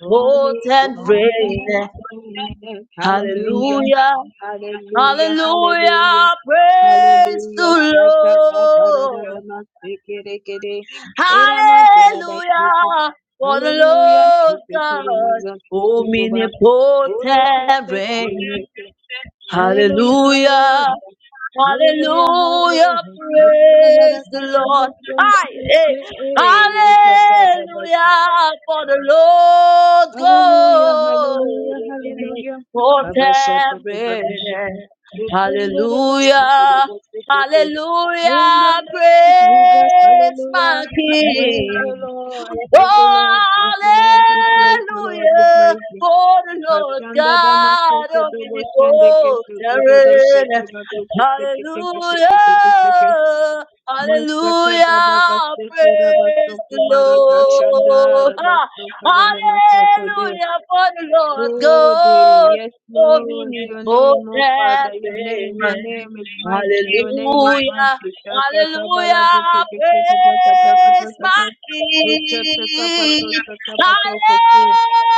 Speaker 1: Only God
Speaker 3: reign.
Speaker 1: can save. Hallelujah.
Speaker 3: Hallelujah,
Speaker 1: Hallelujah, hallelujah,
Speaker 3: hallelujah, praise
Speaker 1: hallelujah.
Speaker 3: the
Speaker 1: Shaka kapara da
Speaker 3: Lord.
Speaker 1: da masse kere kere. Era matara da shiki.
Speaker 3: Hallelujah for the
Speaker 1: Hallelujah,
Speaker 3: Lord
Speaker 1: shiki
Speaker 3: God,
Speaker 1: tiri mazan shiki kuba. Ode
Speaker 3: omnipotent
Speaker 1: kese kere
Speaker 3: reign.
Speaker 1: kere. Hallelujah,
Speaker 3: Hallelujah.
Speaker 1: hallelujah, hallelujah,
Speaker 3: Hallelujah,
Speaker 1: hallelujah. Shaka bara
Speaker 3: praise the
Speaker 1: kanyo
Speaker 3: Lord.
Speaker 1: bosunda
Speaker 3: Hi, hey.
Speaker 1: kese. Eh, ye kata da
Speaker 3: Hallelujah,
Speaker 1: basu.
Speaker 3: for the Lord
Speaker 1: Hallelujah,
Speaker 3: God.
Speaker 1: hallelujah, hallelujah.
Speaker 3: For
Speaker 1: Baba shata
Speaker 3: every.
Speaker 1: kabara. Rekindere masikiro
Speaker 3: Hallelujah,
Speaker 1: bosekeke. In the
Speaker 3: hallelujah,
Speaker 1: name of Jesus,
Speaker 3: praise
Speaker 1: hallelujah.
Speaker 3: my
Speaker 1: Praise the
Speaker 3: King.
Speaker 1: Lord, praise the Lord, praise the Lord, we praise the Lord, we
Speaker 3: Hallelujah.
Speaker 1: praise Him.
Speaker 3: For the Lord
Speaker 1: Kashanda dama
Speaker 3: God
Speaker 1: seke
Speaker 3: of
Speaker 1: dobo shende
Speaker 3: miracles
Speaker 1: kese dobo do seke
Speaker 3: and
Speaker 1: da dobo seke teke seke teke seke.
Speaker 3: Hallelujah.
Speaker 1: Masaka da daba
Speaker 3: Hallelujah.
Speaker 1: baseke raba
Speaker 3: Praise the
Speaker 1: soko baraka shanda
Speaker 3: Lord.
Speaker 1: raba
Speaker 3: Ah,
Speaker 1: soko bana masoko de.
Speaker 3: Hallelujah. For the Lord
Speaker 1: Oh dear,
Speaker 3: God
Speaker 1: yes,
Speaker 3: of
Speaker 1: Lord, your
Speaker 3: miracles
Speaker 1: name, oh Father, your name, your
Speaker 3: and
Speaker 1: name is mighty, your name is
Speaker 3: Hallelujah.
Speaker 1: mighty. Shata kabala
Speaker 3: Hallelujah,
Speaker 1: gote kese kese kata kata
Speaker 3: praise my
Speaker 1: kata. Uchata
Speaker 3: King.
Speaker 1: kapato shata kose.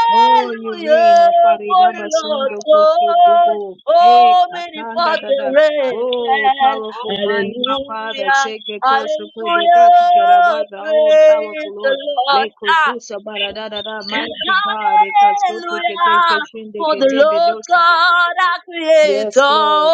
Speaker 1: Oh, you reign,
Speaker 3: Hallelujah,
Speaker 1: oh
Speaker 3: for
Speaker 1: Farida
Speaker 3: the Lord
Speaker 1: basundo kusto
Speaker 3: God,
Speaker 1: tuko. Eh,
Speaker 3: oh many
Speaker 1: katanda
Speaker 3: parts and
Speaker 1: dada.
Speaker 3: red.
Speaker 1: Oh, powerful, mighty Father,
Speaker 3: Hallelujah,
Speaker 1: shake it also for the gati
Speaker 3: hallelujah,
Speaker 1: karabaza. Oh,
Speaker 3: praise
Speaker 1: powerful
Speaker 3: the
Speaker 1: Lord.
Speaker 3: Lord.
Speaker 1: Leko
Speaker 3: Ah.
Speaker 1: zusa baradada mighty God, Ekasote kete
Speaker 3: Hallelujah.
Speaker 1: keshinde
Speaker 3: For the
Speaker 1: kete
Speaker 3: Lord
Speaker 1: bedosa.
Speaker 3: God, our Creator,
Speaker 1: Yes, Lord.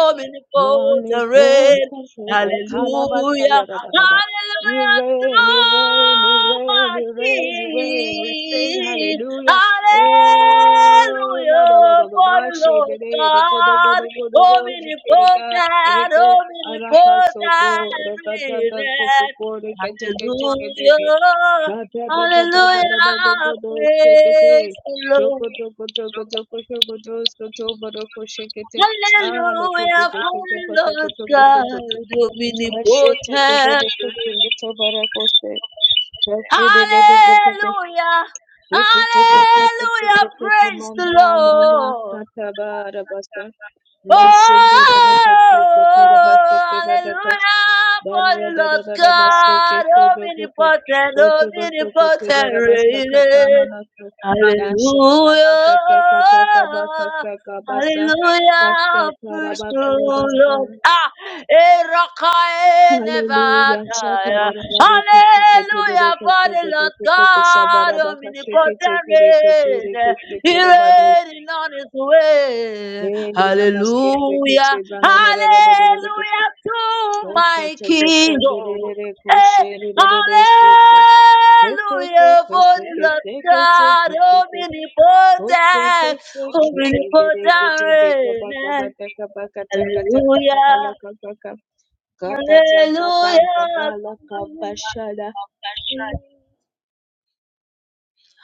Speaker 1: Only God
Speaker 3: reign.
Speaker 1: can heal it. Kalabasa
Speaker 3: Hallelujah.
Speaker 1: yadadadaba. You
Speaker 3: Hallelujah to
Speaker 1: reign, you reign, you reign,
Speaker 3: my
Speaker 1: you reign, you reign. We sing
Speaker 3: King.
Speaker 1: hallelujah. Oh, la ba ba
Speaker 3: Hallelujah
Speaker 1: ba ba
Speaker 3: for
Speaker 1: ba
Speaker 3: the
Speaker 1: she de
Speaker 3: Lord
Speaker 1: de do go do go
Speaker 3: God,
Speaker 1: do go do go she de de ga re
Speaker 3: omnipotent,
Speaker 1: go arata so go
Speaker 3: omnipotent
Speaker 1: re ka ta ta ko ko
Speaker 3: reign.
Speaker 1: ko re ka che ke she ke de ke
Speaker 3: Hallelujah.
Speaker 1: ta ta ta ka ta ta
Speaker 3: Hallelujah,
Speaker 1: ta ta do go do she ke
Speaker 3: praise
Speaker 1: te
Speaker 3: the
Speaker 1: Shoko
Speaker 3: Lord.
Speaker 1: toko toko toko shoko tos koto baroko she ke te. Ah, le koto
Speaker 3: Hallelujah, for
Speaker 1: koshete
Speaker 3: the
Speaker 1: pata
Speaker 3: Lord
Speaker 1: koto koto
Speaker 3: God,
Speaker 1: koto.
Speaker 3: omnipotent. Hallelujah, hallelujah, praise the
Speaker 1: Komanda mama
Speaker 3: Lord.
Speaker 1: sata bara basa. Masende
Speaker 3: Oh,
Speaker 1: de de koto koto da basa ke bada kosh.
Speaker 3: hallelujah, for
Speaker 1: Darra
Speaker 3: the
Speaker 1: da da
Speaker 3: Lord
Speaker 1: da da basa ke shodo koto.
Speaker 3: God,
Speaker 1: Koto
Speaker 3: omnipotent,
Speaker 1: koto koto
Speaker 3: omnipotent.
Speaker 1: bara basa
Speaker 3: reigns.
Speaker 1: kata manaso. Dasha raba kata kata kabaka
Speaker 3: Hallelujah.
Speaker 1: saka basa. Pasha
Speaker 3: Hallelujah, praise
Speaker 1: taraba
Speaker 3: the Lord.
Speaker 1: karabasa.
Speaker 3: Ah, Erakae
Speaker 1: Hallelujah.
Speaker 3: Nevataya.
Speaker 1: Shatarararabo kusheketerere
Speaker 3: Hallelujah, for the Lord
Speaker 1: kosekotokoto
Speaker 3: God,
Speaker 1: kushabarabaka
Speaker 3: omnipotent reign.
Speaker 1: sekechekereketere
Speaker 3: He
Speaker 1: keshekerebado.
Speaker 3: reigning on his way.
Speaker 1: Hey, namaste sekeshe
Speaker 3: Hallelujah,
Speaker 1: bananarararerere
Speaker 3: hallelujah to my
Speaker 1: koshotoko
Speaker 3: King.
Speaker 1: senderere
Speaker 3: oh. Eh,
Speaker 1: koshererere seke. Seke
Speaker 3: Hallelujah,
Speaker 1: seke
Speaker 3: for the
Speaker 1: seke
Speaker 3: Lord
Speaker 1: seke
Speaker 3: God,
Speaker 1: seke seke. Kose
Speaker 3: omnipotent,
Speaker 1: kese keke bere
Speaker 3: omnipotent
Speaker 1: kete ke
Speaker 3: reign.
Speaker 1: kaba kaba taka baka bata kabaka taka taka kaba
Speaker 3: Hallelujah,
Speaker 1: la kaba kaba. Kapa taka baka
Speaker 3: hallelujah.
Speaker 1: bala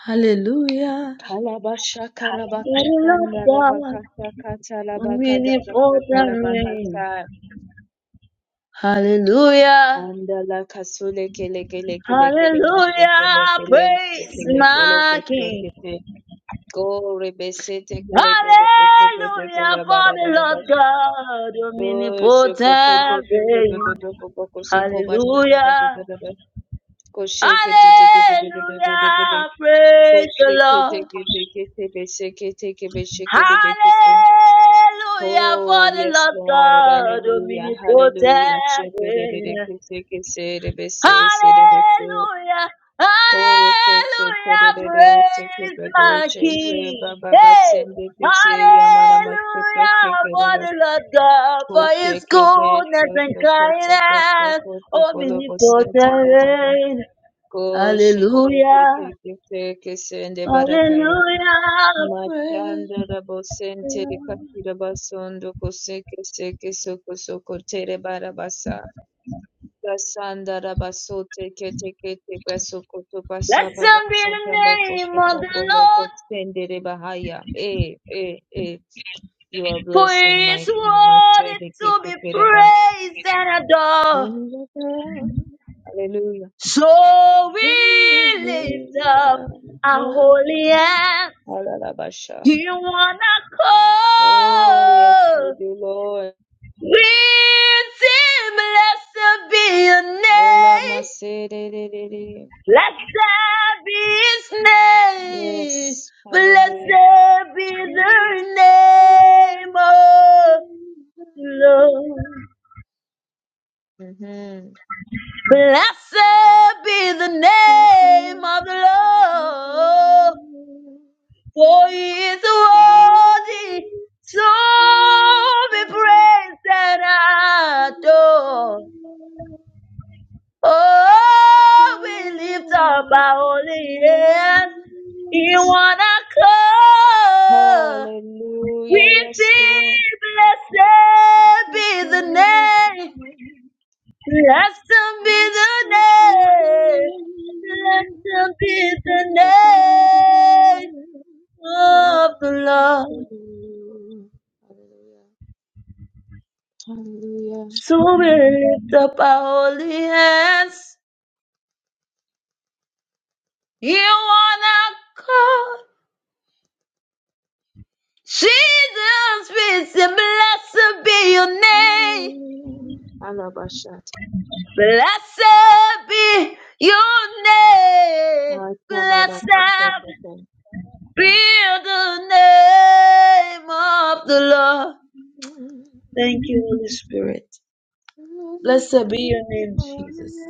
Speaker 3: Hallelujah,
Speaker 1: Kalabasha
Speaker 3: for the Lord
Speaker 1: Karabakasanda
Speaker 3: God,
Speaker 1: Rabakasa Katalabaka Dagasa
Speaker 3: omnipotent reign.
Speaker 1: Kalabakasa
Speaker 3: Hallelujah,
Speaker 1: and la kasule kele kele kele kele bashe
Speaker 3: hallelujah,
Speaker 1: kele kele
Speaker 3: praise
Speaker 1: tekele kolo
Speaker 3: my
Speaker 1: koshe
Speaker 3: King.
Speaker 1: go rebese tekele kodo koshe kete
Speaker 3: Hallelujah
Speaker 1: kele
Speaker 3: for the
Speaker 1: barada da
Speaker 3: Lord
Speaker 1: bash
Speaker 3: God,
Speaker 1: go shoko to to
Speaker 3: omnipotent
Speaker 1: to to to
Speaker 3: reign.
Speaker 1: to to koko kosoko basha da da
Speaker 3: Hallelujah.
Speaker 1: da da da da koshe kete te te te te te
Speaker 3: Hallelujah. Praise the
Speaker 1: kete
Speaker 3: Lord.
Speaker 1: kete kete beshe bekete
Speaker 3: Hallelujah for
Speaker 1: Oh,
Speaker 3: the
Speaker 1: yes,
Speaker 3: Lord
Speaker 1: Lord.
Speaker 3: God,
Speaker 1: Hallelujah. Hallelujah.
Speaker 3: omnipotent reign.
Speaker 1: Shepherd-e-de-de-de-ke-se-ke-se-de-be-se-se-de-be-se.
Speaker 3: Hallelujah.
Speaker 1: Oh,
Speaker 3: Hallelujah. Praise my King. Hey. Hallelujah for the Lord God, for his goodness and kindness. Omnipotent reign.
Speaker 1: Ko shete te
Speaker 3: Hallelujah.
Speaker 1: te te te ke se nde barakaya.
Speaker 3: Hallelujah. Praise
Speaker 1: Mashanda rabo
Speaker 3: the
Speaker 1: sente
Speaker 3: Lord.
Speaker 1: rekatira basondo koseke seke soko soko tere barabasa. Kasanda rabaso teke teke teke soko to basa
Speaker 3: Blessed be the
Speaker 1: barashata bako
Speaker 3: name
Speaker 1: soko
Speaker 3: of the
Speaker 1: bolo
Speaker 3: Lord,
Speaker 1: kotende rebahaya. Eh, eh, eh. You are
Speaker 3: for
Speaker 1: blessed and
Speaker 3: he is
Speaker 1: mighty.
Speaker 3: worthy
Speaker 1: Mashede
Speaker 3: to
Speaker 1: kete
Speaker 3: be
Speaker 1: keraba.
Speaker 3: praised and adored.
Speaker 1: Shandada. Hallelujah.
Speaker 3: So we
Speaker 1: Hallelujah.
Speaker 3: lift up our holy hands
Speaker 1: Alalabasha.
Speaker 3: in one
Speaker 1: Oh, yes, we
Speaker 3: accord.
Speaker 1: do, Lord.
Speaker 3: We sing, blessed be your
Speaker 1: Lola
Speaker 3: name.
Speaker 1: Masedere.
Speaker 3: Blessed be his name.
Speaker 1: Yes. Hallelujah.
Speaker 3: Blessed be the name of the Lord.
Speaker 1: Mm-hmm.
Speaker 3: Blessed be the name of the Lord. For he is worthy so be praised and adored. Oh, we lift up our holy hands in one accord.
Speaker 1: Hallelujah,
Speaker 3: We
Speaker 1: yes, Lord.
Speaker 3: sing, blessed be the name, blessed be the
Speaker 1: Hallelujah.
Speaker 3: name, blessed be the name of the Lord.
Speaker 1: Hallelujah!
Speaker 3: To lift up our holy hands, you wanna call Jesus, we say, blessed be your name,
Speaker 1: Alabashata.
Speaker 3: blessed be your name, blessed
Speaker 1: Alabashata.
Speaker 3: be the name of the Lord. Thank you, Holy Spirit. Blessed be your name, Jesus.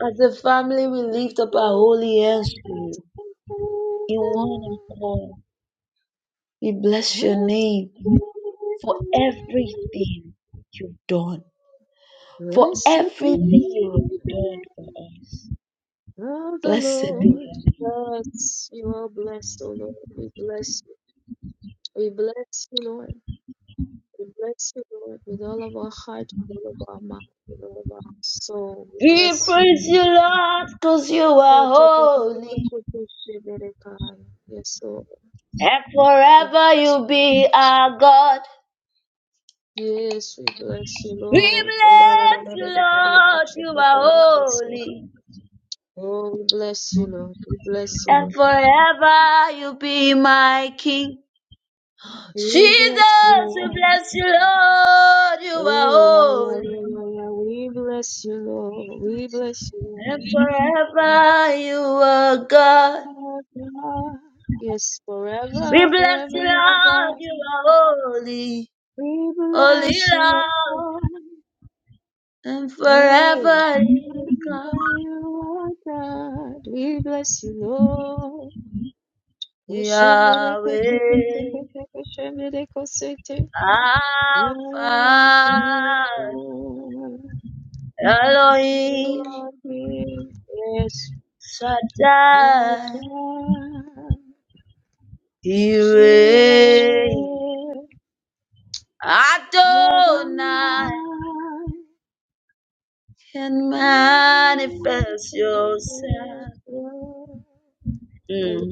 Speaker 3: As a family, we lift up our holy hands to you in one accord. We bless your name for everything you've done, for
Speaker 1: Blessed be
Speaker 3: everything you've
Speaker 1: the
Speaker 3: done
Speaker 1: name
Speaker 3: for us.
Speaker 1: of the
Speaker 3: Blessed be
Speaker 1: Lord.
Speaker 3: your name.
Speaker 1: Yes, you are blessed, O Lord. We bless you. We bless you, Lord. We bless you, Lord, with all of our heart, with all of our mind, with all of our soul. We
Speaker 3: We
Speaker 1: bless you.
Speaker 3: praise you, Lord, because you are
Speaker 1: Yes,
Speaker 3: holy,
Speaker 1: Lord.
Speaker 3: and
Speaker 1: We
Speaker 3: forever
Speaker 1: bless
Speaker 3: you
Speaker 1: you.
Speaker 3: be our God.
Speaker 1: Yes, we bless you,
Speaker 3: We
Speaker 1: Lord.
Speaker 3: bless you, Lord, you are holy,
Speaker 1: Oh, we bless you, Lord. We bless you,
Speaker 3: and
Speaker 1: Lord.
Speaker 3: forever you be my King.
Speaker 1: We bless you,
Speaker 3: Jesus, we
Speaker 1: Lord.
Speaker 3: bless you, Lord, you are
Speaker 1: Oh, yeah, yeah,
Speaker 3: holy.
Speaker 1: yeah, yeah, yeah. We bless you, Lord. We bless you,
Speaker 3: And forever you are God.
Speaker 1: Lord. God. Yes,
Speaker 3: We
Speaker 1: forever,
Speaker 3: bless
Speaker 1: forever
Speaker 3: you,
Speaker 1: you are
Speaker 3: Lord.
Speaker 1: God.
Speaker 3: You are holy,
Speaker 1: We
Speaker 3: holy
Speaker 1: bless you,
Speaker 3: Lord.
Speaker 1: Lord.
Speaker 3: And
Speaker 1: Hey,
Speaker 3: forever you
Speaker 1: forever
Speaker 3: are God.
Speaker 1: you are God. We bless you, Lord.
Speaker 3: Yahweh,
Speaker 1: Oshendereketeketeketeketeketeketeketekete. Lord,
Speaker 3: Alpha, Elohim,
Speaker 1: Lord, Yes,
Speaker 3: Shaddai,
Speaker 1: Lord.
Speaker 3: Yireh,
Speaker 1: Sendere
Speaker 3: Adonai. Can manifest yourself. Mm.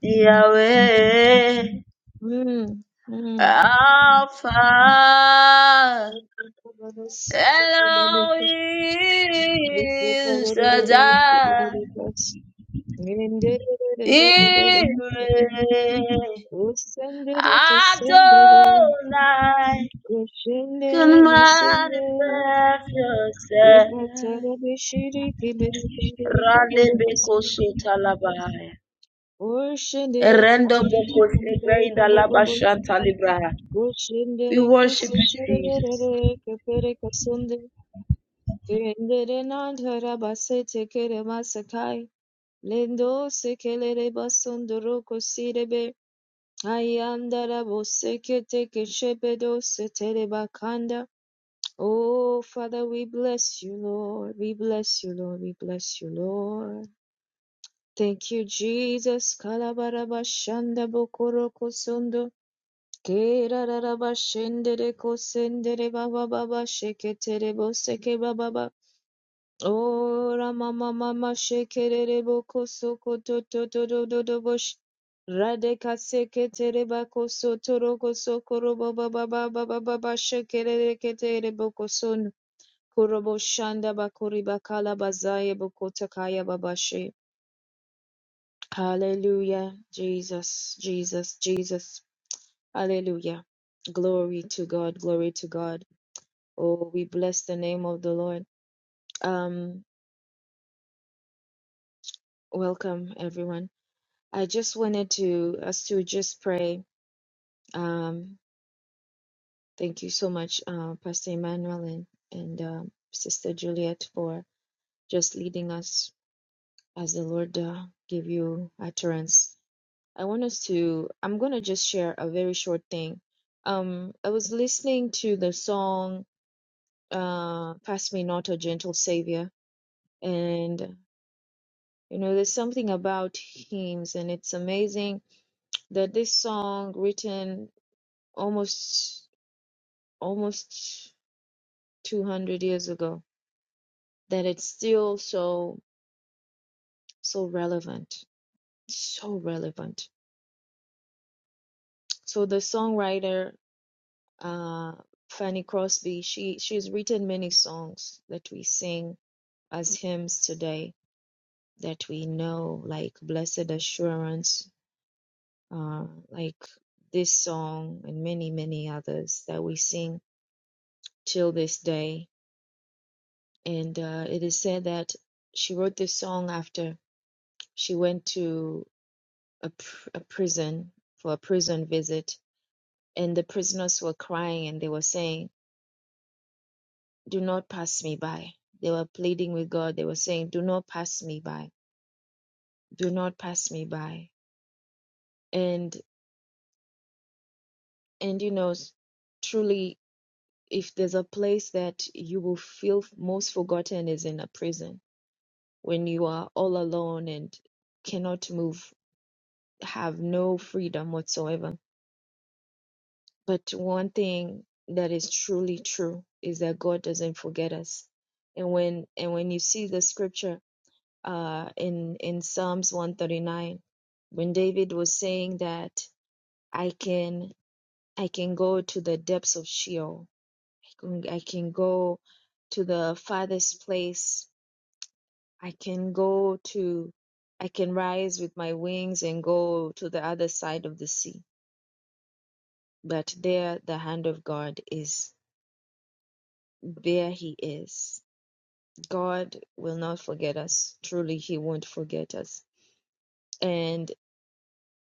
Speaker 3: Yahweh, Alpha, Elohim, Shaddai, Yireh, Adonai,
Speaker 1: mesendere
Speaker 3: can manifest yourself.
Speaker 1: Ebhatara beshiri kebere kandere
Speaker 3: Rande
Speaker 1: kabore kose.
Speaker 3: beko sota labaya.
Speaker 1: Oshendere
Speaker 3: Erendo
Speaker 1: ketiri
Speaker 3: beko sibre
Speaker 1: makandere
Speaker 3: indalaba
Speaker 1: kabobobo.
Speaker 3: We
Speaker 1: Oshendere
Speaker 3: worship
Speaker 1: kusetere
Speaker 3: you, Jesus.
Speaker 1: rerere kepere kasonde. Kendere nandhara basete kere masakai. Lendo sekelere basondoro kosirebe. Ayandara bosekete keshebedo setere bakanda. Oh, Father, we bless you, Lord. We bless you, Lord. We bless you, Lord. Thank you, Jesus. Kalabarabashanda bokoroko sondo. Kerarabashende reko sendere baba baba sheketere boseke baba baba. Ora mama mama shekerere boko soko to to to do do do bosh. Radeka seketere bako sotoroko sokoro baba baba baba baba shekerere ketere boko son. Kurobo shanda bakuri bakala bazaye boko takaya babashe. Hallelujah. Jesus, Jesus, Jesus. Hallelujah. Glory to God. Glory to God. Oh, we bless the name of the Lord. Um, welcome everyone. I just wanted to us to just pray. Um, thank you so much, uh, Pastor Emmanuel and, and um, Sister Juliet for just leading us as the Lord uh, give you utterance I want us to, I'm going to just share a very short thing. Um, I was listening to the song, uh, Pass Me Not a Gentle Savior. And, you know, there's something about hymns, and it's amazing that this song, written almost, almost 200 years ago, that it's still so, so relevant. So relevant. So the songwriter uh, Fanny Crosby. She she's written many songs that we sing as hymns today that we know, like Blessed Assurance, uh, like this song and many many others that we sing till this day. And uh, it is said that she wrote this song after she went to a, pr- a prison for a prison visit, and the prisoners were crying and they were saying. do not pass me by. They were pleading with God. They were saying, do not pass me by. Do not pass me by. And, and you know, truly, if there's a place that you will feel most forgotten is in a prison when you are all alone and cannot move, have no freedom whatsoever. But one thing that is truly true is that God doesn't forget us. And when, and when you see the scripture uh, in in Psalms 139 when David was saying that I can I can go to the depths of Sheol. I can, I can go to the farthest place. I can go to I can rise with my wings and go to the other side of the sea. But there the hand of God is. There he is. God will not forget us. Truly he won't forget us. And.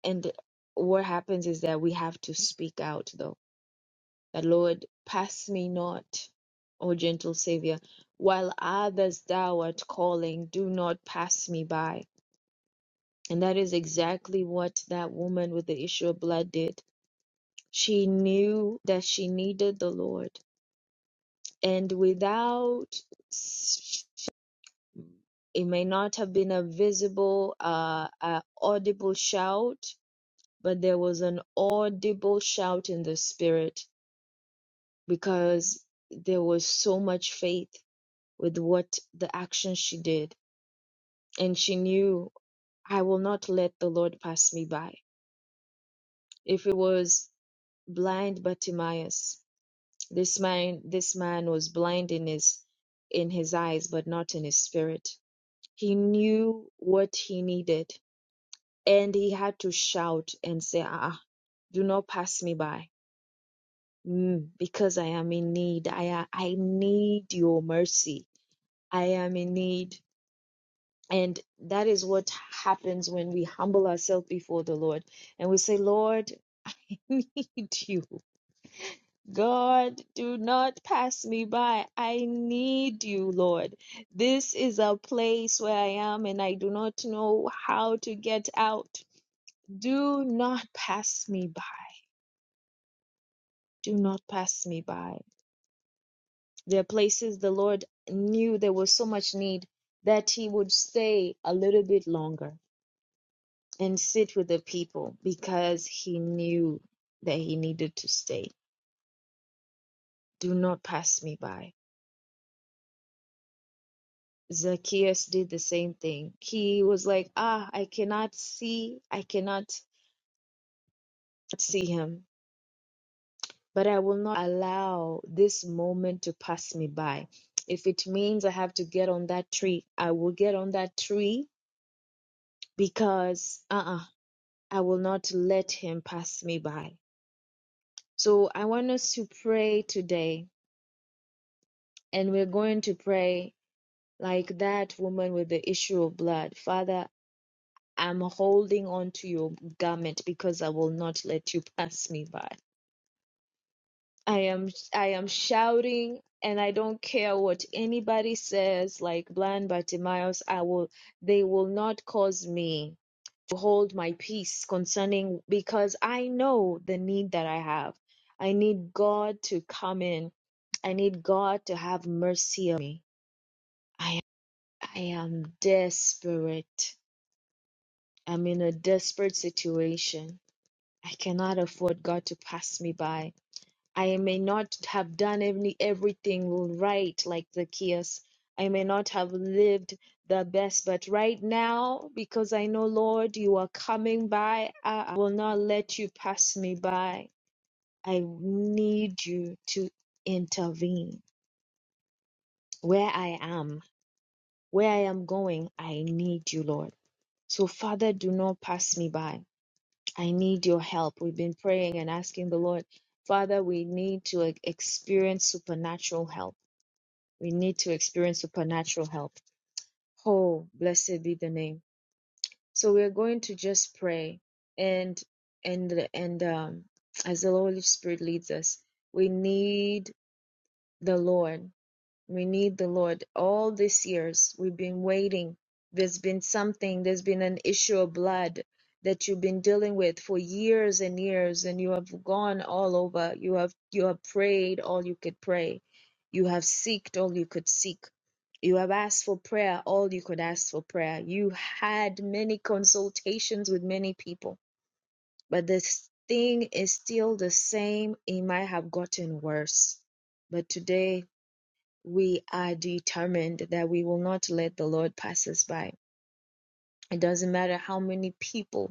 Speaker 1: And what happens is that we have to speak out, though. That Lord, pass me not, O gentle Savior, while others thou art calling, do not pass me by. And that is exactly what that woman with the issue of blood did. She knew that she needed the Lord. And without s- it may not have been a visible, uh, uh, audible shout, but there was an audible shout in the spirit because there was so much faith with what the action she did. And she knew, I will not let the Lord pass me by. If it was blind Bartimaeus, this man, this man was blind in his, in his eyes, but not in his spirit. He knew what he needed and he had to shout and say, ah, ah, do not pass me by. Mm, because I am in need. I, I need your mercy. I am in need And that is what happens when we humble ourselves before the Lord and we say, Lord, I need you. God, do not pass me by. I need you, Lord. This is a place where I am and I do not know how to get out. Do not pass me by. Do not pass me by. There are places the Lord knew there was so much need that he would stay a little bit longer and sit with the people because he knew that he needed to stay. Do not pass me by. Zacchaeus did the same thing. He was like, Ah, I cannot see, I cannot see him, but I will not allow this moment to pass me by. If it means I have to get on that tree, I will get on that tree because uh uh I will not let him pass me by. So I want us to pray today, and we're going to pray like that woman with the issue of blood. Father, I'm holding on to your garment because I will not let you pass me by. I am I am shouting and I don't care what anybody says like blind Bartimaeus I will they will not cause me to hold my peace concerning because I know the need that I have. I need God to come in. I need God to have mercy on me. I I am desperate. I'm in a desperate situation. I cannot afford God to pass me by. I may not have done any, everything right like Zacchaeus. I may not have lived the best, but right now, because I know, Lord, you are coming by, I I will not let you pass me by. I need you to intervene where I am, where I am going. I need you, Lord. So, Father, do not pass me by. I need your help. We've been praying and asking the Lord, Father, we need to like, experience supernatural help. We need to experience supernatural help. Oh, blessed be the name. So we're going to just pray and and and um as the Holy Spirit leads us, we need the Lord we need the Lord. All these years we've been waiting. There's been something, there's been an issue of blood that you've been dealing with for years and years and you have gone all over. You have you have prayed all you could pray. You have seeked all you could seek. You have asked for prayer all you could ask for prayer. You had many consultations with many people, but this thing is still the same. It might have gotten worse. But today we are determined that we will not let the Lord pass us by. It doesn't matter how many people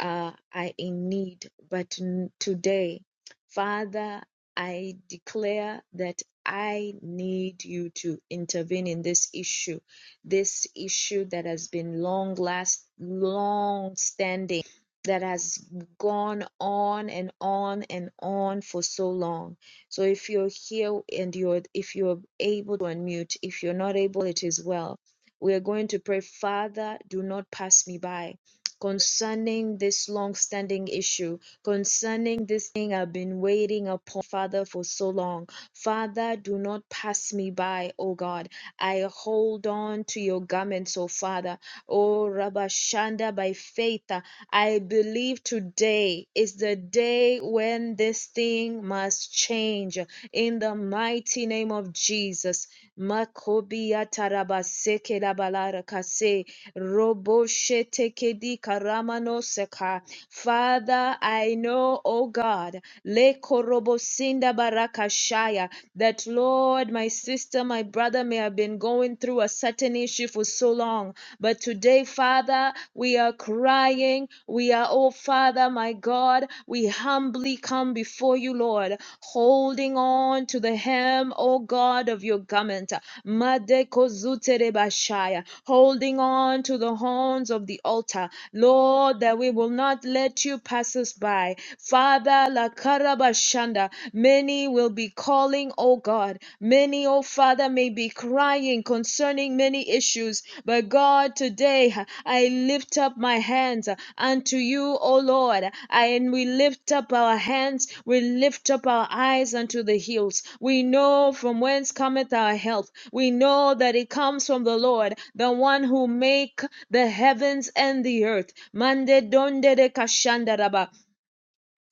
Speaker 1: uh, are in need. But n- today, Father, I declare that I need you to intervene in this issue, this issue that has been long last, long standing, that has gone on and on and on for so long. So if you're here and you're, if you're able to unmute, if you're not able, it is well. We are going to pray, Father, do not pass me by concerning this long-standing issue, concerning this thing I've been waiting upon, Father, for so long. Father, do not pass me by, O God. I hold on to your garments, O Father. O Rabashanda, by faith. I believe today is the day when this thing must change in the mighty name of Jesus. Makobia tarabaseke labarakase, roboshetekedi karamonoseka. Father, I know, oh God, lekorobosinda barakashaya, that Lord, my sister, my brother may have been going through a certain an issue for so long. But today, Father, we are crying. We are, oh Father, my God, we humbly come before you, Lord, holding on to the hem, oh God, of your garment. Madekozuterebashaya, Holding on to the horns of the altar, Lord, that we will not let you pass us by. Father, Lakarabashanda, many will be called calling, oh God. Many, O Father, may be crying concerning many issues, but God, today I lift up my hands unto you, O Lord, and we lift up our hands, we lift up our eyes unto the hills. We know from whence cometh our help. We know that it comes from the Lord, the one who make the heavens and the earth. Mande donde de kashandaraba.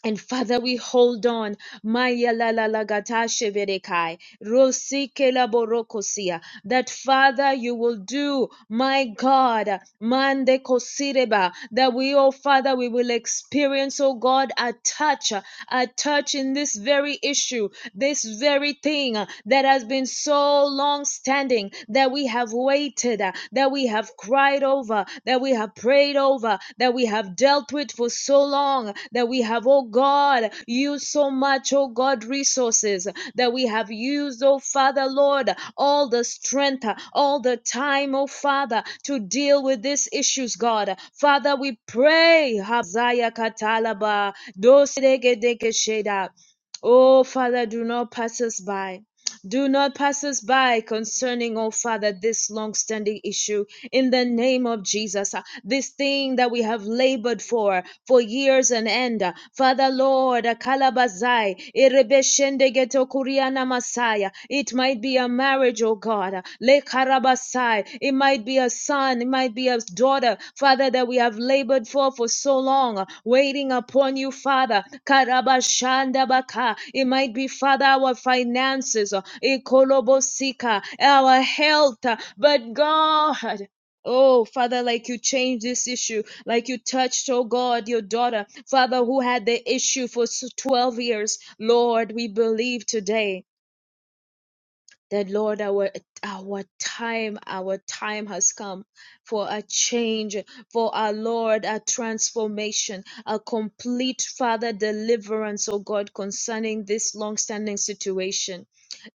Speaker 1: And Father, we hold on. Maya la la la gata sheverekai. Rosike la borokosia. That Father, you will do, my God, mande kosireba. That we, oh Father, we will experience, oh God, a touch, a touch in this very issue, this very thing that has been so long standing that we have waited repented, uh, that we have cried over, that we have prayed over, that we have dealt with for so long, that we have, oh God, used so much, oh God, resources that we have used, oh Father, Lord, all the strength, uh, all the time, oh Father, to deal with these issues, God. Father, we pray. Hazaya katalaba, dosedegedekesheda. Oh Father, do not pass us by. Do not pass us by concerning, oh Father, this long standing issue in the name of Jesus. uh, This thing that we have labored for for years and end. uh, Father Lord, uh, Kalabazai, Erebeshende geto Kuriana masaya. It might be a marriage, oh God. uh, Le karabasai. It might be a son, it might be a daughter, Father, that we have labored for for so long, waiting upon you, Father. Karabashanda baka. It might be, Father, our finances, Ikolobosika, our health, but God. Oh, Father, like you changed this issue, like you touched, oh God, your daughter, Father, who had the issue for 12 years. Lord, we believe today that Lord, our our time, our time has come for a change, for our Lord, a transformation, a complete Father deliverance, oh God, concerning this long-standing situation.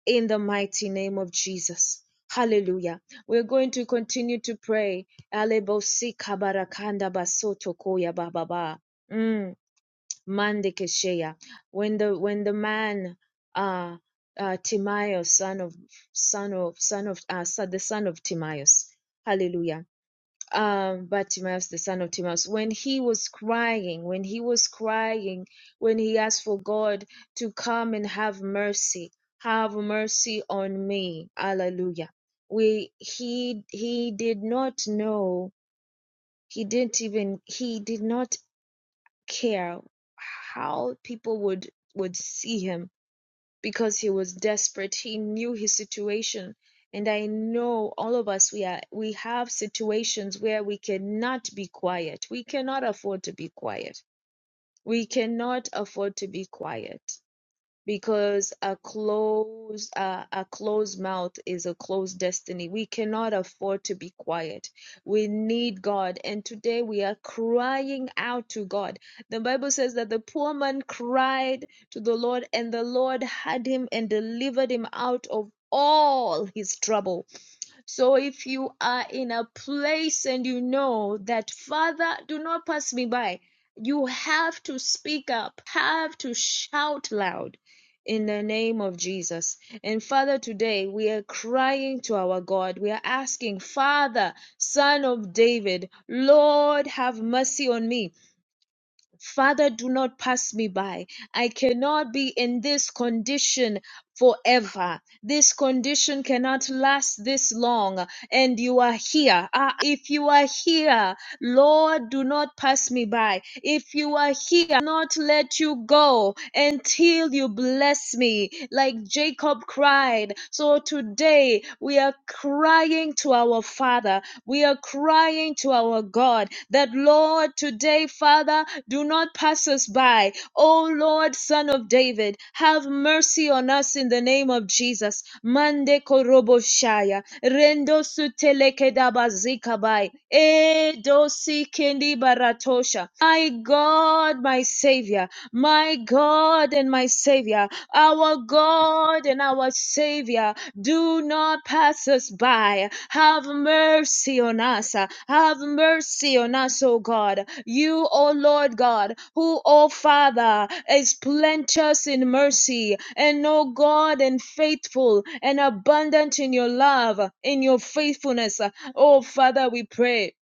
Speaker 1: In the mighty name of Jesus. Hallelujah. We're going to continue to pray. Alebo si kabarakanda basoto koya bababa. Mm. Mandekesheya. When the when the man uh uh Timaeus, son of son of son of uh son, the son of Timaeus. Hallelujah. Um but Timaeus, the son of Timaeus, when he was crying, when he was crying, when he asked for God to come and have mercy, have mercy on me. Hallelujah. We he he did not know, he didn't even he did not care how people would would see him because he was desperate he knew his situation and i know all of us we are we have situations where we cannot be quiet we cannot afford to be quiet we cannot afford to be quiet because a closed uh, a closed mouth is a closed destiny we cannot afford to be quiet we need god and today we are crying out to god the bible says that the poor man cried to the lord and the lord had him and delivered him out of all his trouble so if you are in a place and you know that, Father, do not pass me by, you have to speak up, have to shout loud in the name of Jesus. And Father, today we are crying to our God. We are asking, Father, Son of David, Lord, have mercy on me. Father, do not pass me by. I cannot be in this condition forever. This condition cannot last this long. And you are here. Ah, if you are here, Lord, do not pass me by. If you are here, I'll not let you go until you bless me, like Jacob cried. So today we are crying to our Father. We are crying to our God that, Lord, today, Father, do not pass us by. O Lord, Son of David, have mercy on us in the name of Jesus. Mande korobo shaya, rendo sutelekedaba zikabai. Eh, Edosi Kindi Baratosha. My God, my Savior, my God and my Savior, our God and our Savior, do not pass us by. Have mercy on us. Have mercy on us, O God. You, O Lord God, who, O Father, is plenteous in mercy, and O God, and faithful and abundant in your love, in your faithfulness. O Father, we pray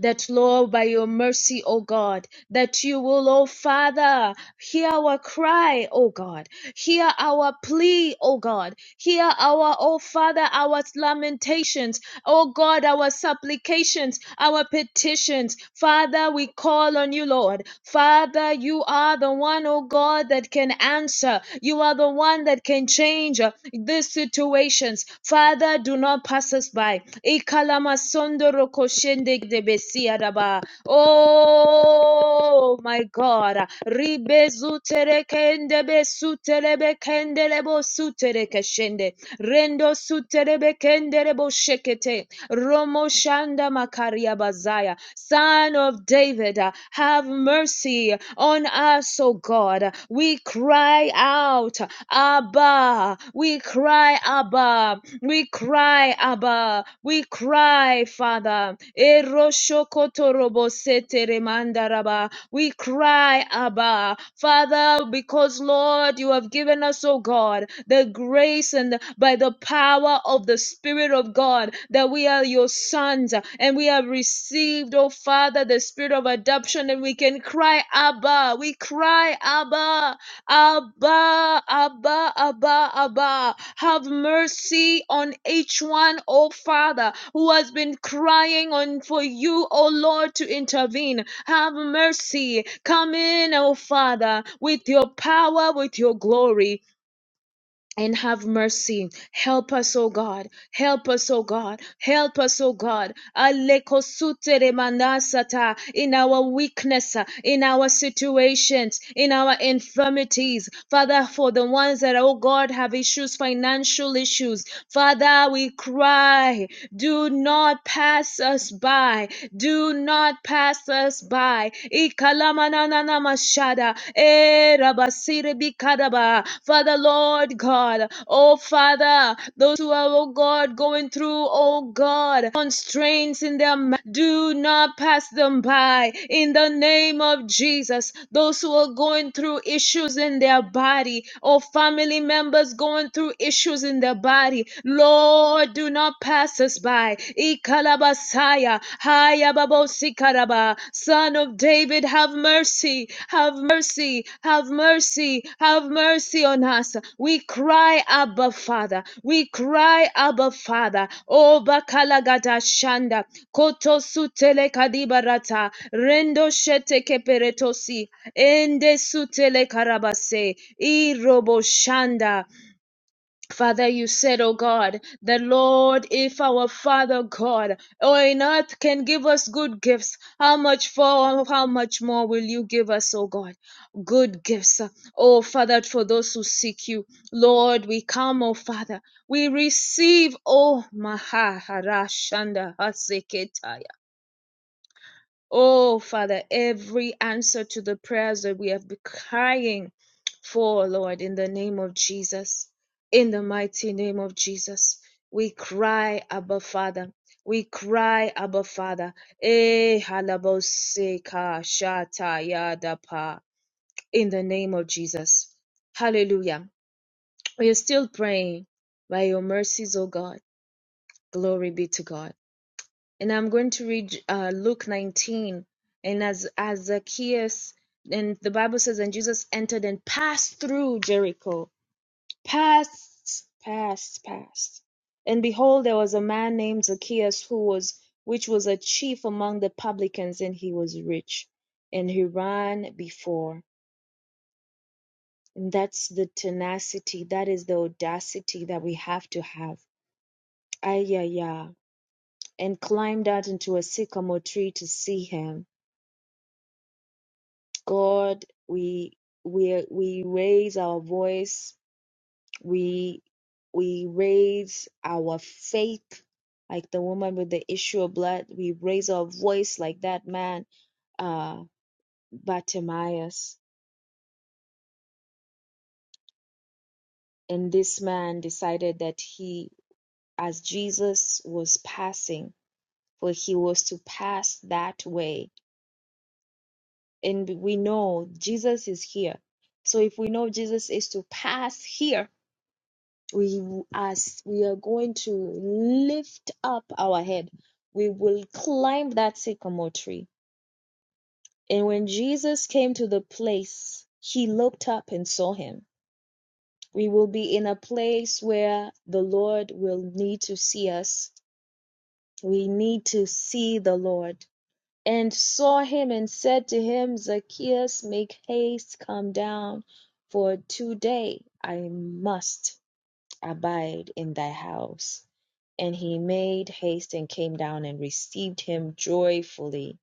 Speaker 1: that, Lord, by your mercy, O God, that you will, O Father, hear our cry, O God, hear our plea, O God, hear our, O Father, our lamentations, Oh God, our supplications, our petitions. Father, we call on you, Lord. Father, you are the one, oh God, that can answer. You are the one that can change uh, these situations. Father, do not pass us by. Ikalamasondorokoshendegdebesiadaba. Oh my God. Ribezu sutere kende be sutere be kende lebo sutere keshende. Rendo sutere be kende lebo shekete. Romo shanda makaria bazaya. Son of David, uh, have mercy on us, O God. We cry out, Abba. We cry, Abba. We cry, Abba. We cry cry, Father. Eroshokotorobosete remandaraba. We cry, Abba, Father, because Lord, you have given us, oh God, the grace and by the power of the Spirit of God that we are your sons and we have received, oh Father, the spirit of adoption and we can cry, Abba. We cry, Abba. Abba, Abba, Abba, Abba, have mercy on each one, O Father who has been crying on for you, O Lord, to intervene. Have mercy. Come in, O Father, with your power, with your glory and have mercy. Help us, O God. Help us, O God. Help us, O God. Alekosutere manasata. In our weakness, uh, in our situations, in our infirmities. Father, for the ones that, oh God, have issues, financial issues. Father, we cry. Do not pass us by. Do not pass us by. Ikalamanana Ramashada, eh, Rabasiri Bikadaba. Father, Lord God, oh Father, those who are, oh God, going through, oh God, constraints in their ma- do not pass them by in the name of Jesus. Those who are going through issues in their body, or family members going through through issues in their body. Lord, do not pass us by. Ikalabasaya, Hayababosikadaba, Son of David, have mercy, have mercy, have mercy, have mercy on us. We cry, Abba Father. We cry, Abba Father. O Bakalagada Shanda, Koto Sutele Kadibarata, Rendo Shete Keperetosi, Ende Sutele Karabase, Irobo Shanda. Father, you said, oh God, the Lord, if our Father God, oh in earth can give us good gifts, how much for, how much more will you give us, oh God? Good gifts. Oh Father, for those who seek you, Lord, we come, oh Father, we receive, oh Maharashanda Oh, Father, every answer to the prayers that we have been crying for, Lord, in the name of Jesus, in the mighty name of Jesus, we cry, Abba Father. We cry, Abba Father. Eh, halaboseka, shata, yadapa, In the name of Jesus. Hallelujah. We are still praying by your mercies, O God. Glory be to God and I'm going to read uh, Luke 19. And as as Zacchaeus, and the Bible says, and Jesus entered and passed through Jericho, passed, passed, passed. And behold, there was a man named Zacchaeus who was, which was a chief among the publicans, and he was rich, and he ran before. And that's the tenacity, that is the audacity that we have to have. Ay, yeah, yeah. And climbed out into a sycamore tree to see him God, we we we raise our voice, we we raise our faith, like the woman with the issue of blood. We raise our voice like that man, uh, Bartimaeus. And this man decided that he, as Jesus was passing, for he was to pass that way. And we know Jesus is here. So if we know Jesus is to pass here, we as we are going to lift up our head we will climb that sycamore tree and when jesus came to the place he looked up and saw him we will be in a place where the lord will need to see us we need to see the lord and saw him and said to him zacchaeus make haste come down for today i must abide in thy house And he made haste and came down and received him joyfully.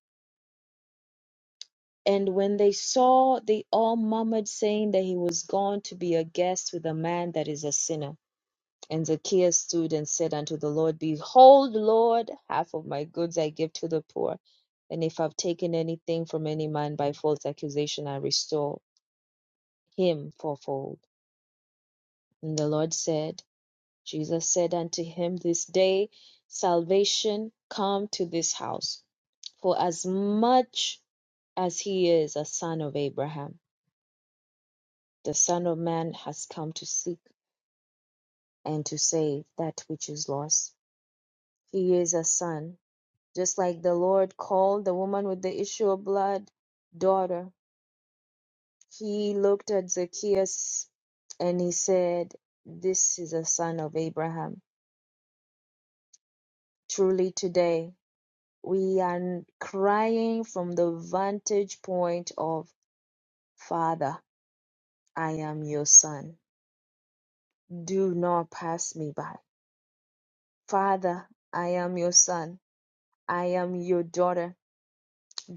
Speaker 1: And when they saw, they all murmured, saying that he was gone to be a guest with a man that is a sinner. And Zacchaeus stood and said unto the Lord, Behold, Lord, half of my goods I give to the poor. And if I've taken anything from any man by false accusation, I restore him fourfold. And the Lord said, Jesus said unto him, This day salvation come to this house, for as much as he is a son of Abraham, the Son of Man has come to seek and to save that which is lost. He is a son, just like the Lord called the woman with the issue of blood daughter. He looked at Zacchaeus and he said, This is a son of Abraham. Truly today We are crying from the vantage point of Father, I am your son. Do not pass me by. Father, I am your son. I am your daughter.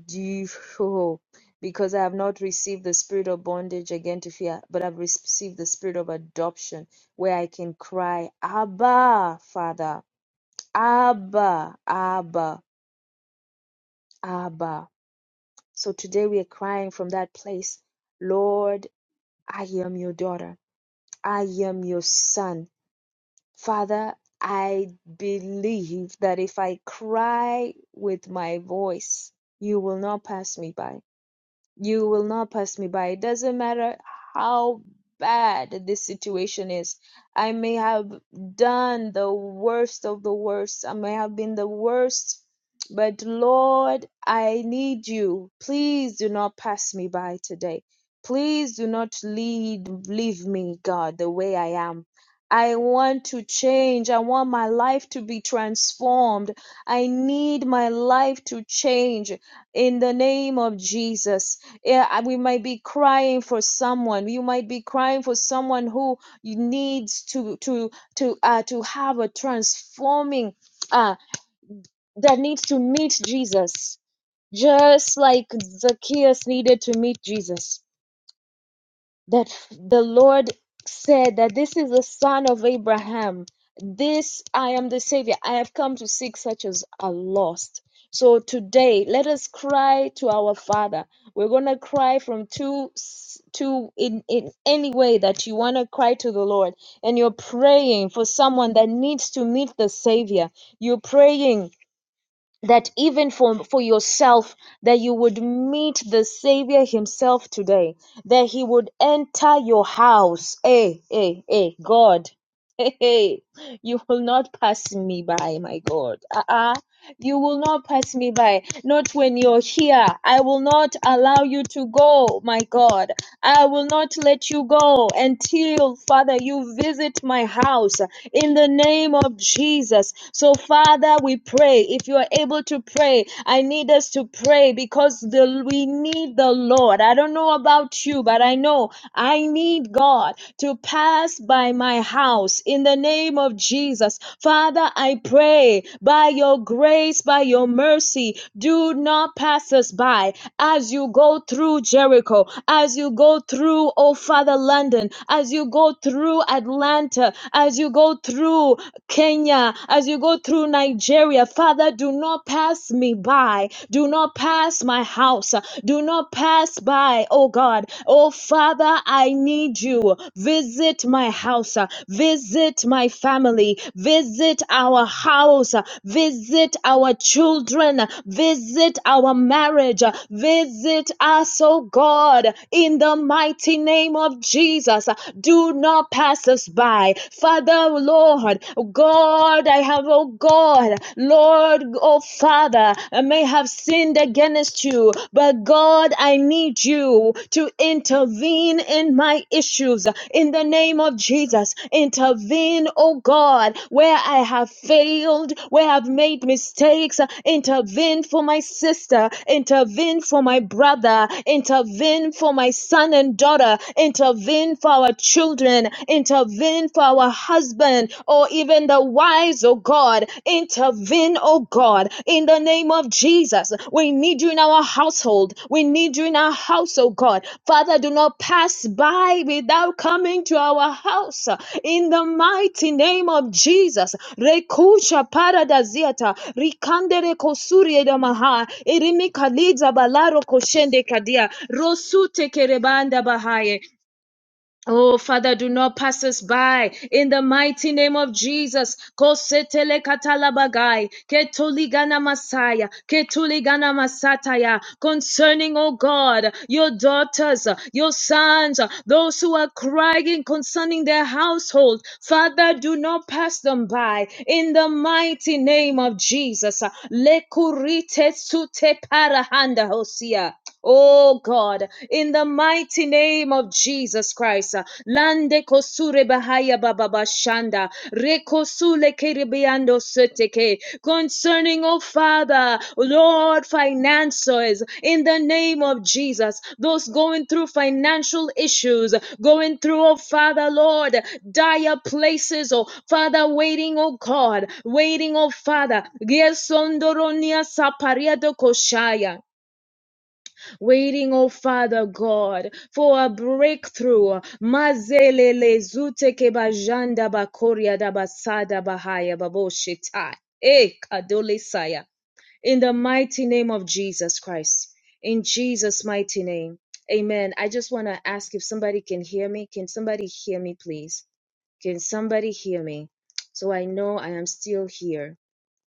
Speaker 1: Do you, oh, because I have not received the spirit of bondage again to fear, but I've received the spirit of adoption where I can cry, Abba, Father, Abba, Abba, Abba. So today we are crying from that place. Lord, I am your daughter. I am your son. Father, I believe that if I cry with my voice, you will not pass me by. You will not pass me by. It doesn't matter how bad this situation is. I may have done the worst of the worst. I may have been the worst. But Lord, I need you. Please do not pass me by today. Please do not lead, leave me, God, the way I am. I want to change. I want my life to be transformed. I need my life to change in the name of Jesus yeah, I- we might be crying for someone. You might be crying for someone who you needs to to to uh, to have a transforming uh, that needs to meet Jesus, just like Zacchaeus needed to meet Jesus that f- the Lord said that this is the son of Abraham. This I am the Savior. I have come to seek such as are lost. So today, let us cry to our Father. We're gonna cry from two s- two in in any way that you wanna cry to the Lord, and you're praying for someone that needs to meet the Savior. You're praying that even for, for yourself that you would meet the savior himself today that he would enter your house hey hey hey god hey, hey you will not pass me by my god uh-uh you will not pass me by not when you're here i will not allow you to go my god i will not let you go until father you visit my house in the name of Jesus. So, Father, we pray. If you are able to pray, I need us to pray because the, we need the Lord. I don't know about you, but I know I need God to pass by my house in the name of Jesus. Father, I pray by your grace, by your mercy, do not pass us by as you go through Jericho, as you go through, oh Father, London, as you go through Atlanta, as you go through Kenya, as you go through Nigeria, Father, do not pass me by. Do not pass my house. Do not pass by, oh God. Oh Father, I need you. Visit my house. Visit my family. Visit our house. Visit our children. Visit our marriage. Visit us, oh God, in the mighty name of Jesus. Do not pass us by. Father, oh Lord, oh God, I have, oh God, Lord, oh Father, I may have sinned against you, but God, I need you to intervene in my issues. In the name of Jesus, intervene, oh God, where I have failed, where I've made mistakes. Intervene for my sister, intervene for my brother, intervene for my son and daughter, intervene for our children children, intervene for our husband or even the wives, oh God. Intervene, oh God, in the name of Jesus. We need you in our household. We need you in our house, oh God. Father, do not pass by without coming to our house in the mighty name of Jesus. Rekusha paradaziata, rikandere kosurie damaha, erimikaliza balaro koshende kadia, rosute kerebanda bahaye, Oh, Father, do not pass us by. In the mighty name of Jesus. Kosetele katalabagai. Ketuligana masaya. Ketuligana masataya. Concerning, oh God, your daughters, your sons, those who are crying concerning their household. Father, do not pass them by. In the mighty name of Jesus. Lekurite sute parahanda hosia. Oh God, in the mighty name of Jesus Christ, uh, Lande kosure bahaya bababashanda, rekosule kerebeando seteke, concerning, oh Father, Lord, finances, in the name of Jesus, those going through financial issues, going through, oh Father, Lord, dire places, oh Father, waiting, oh God, waiting, oh Father, Yes, sapariado saparia koshaya waiting, oh Father God, for a breakthrough. Mazelele zute kebajanda bakoria dabasada bahaya baboshitai. Eh, kadole saya. In the mighty name of Jesus Christ. In Jesus' mighty name. Amen. I just want to ask if somebody can hear me. Can somebody hear me, please? Can somebody hear me? So I know I am still here.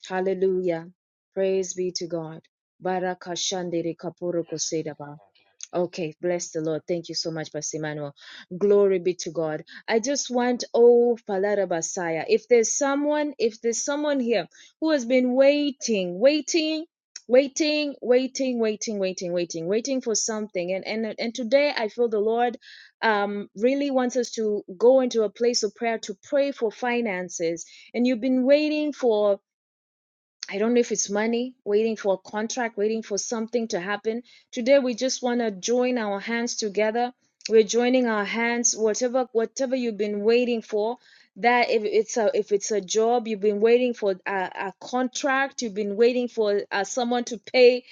Speaker 1: Hallelujah. Praise be to God. Barakashandere kaporo
Speaker 2: Yes, we can
Speaker 1: kosedaba.
Speaker 2: have that, yeah.
Speaker 1: Okay, bless the Lord. Thank you so much, Pastor Emmanuel. Glory be to God. I just want, oh, Palara Basaya, if there's someone, if there's someone here who has been waiting, waiting, waiting, waiting, waiting, waiting, waiting, waiting for something. And and and today I feel the Lord um really wants us to go into a place of prayer to pray for finances. And you've been waiting for I don't know if it's money, waiting for a contract, waiting for something to happen. Today we just want to join our hands together. We're joining our hands, whatever whatever you've been waiting for. That if it's a if it's a job you've been waiting for a, a contract, you've been waiting for uh, someone to pay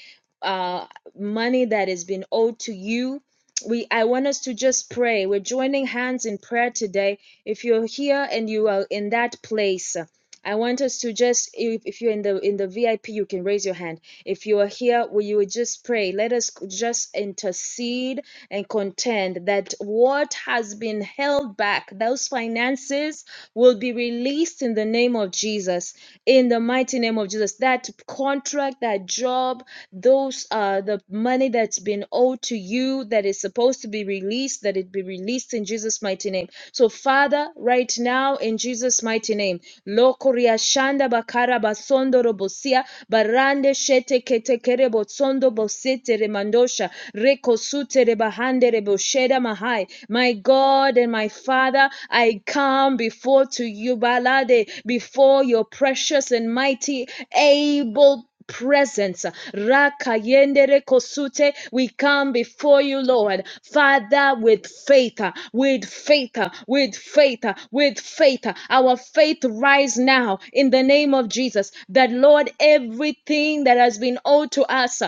Speaker 1: uh, money that has been owed to you. We I want us to just pray. We're joining hands in prayer today. If you're here and you are in that place. I want us to just if, if you're in the in the VIP you can raise your hand. If you are here, will you just pray? Let us just intercede and contend that what has been held back, those finances will be released in the name of Jesus. In the mighty name of Jesus. That contract, that job, those uh the money that's been owed to you that is supposed to be released that it be released in jesus mighty name so father right now in jesus mighty name lokoria shanda bakara basondo robosia barande shete ketekere botsondo bosete remandosha rekosute rebahande rebosheda mahai my god and my father i come before to you balade before your precious and mighty able presence. Rakayendere kosute, we come before you, Lord. Father, with faith, uh, with faith, uh, with faith, uh, with faith. uh, Our faith rise now in the name of Jesus. That, Lord, everything that has been owed to us,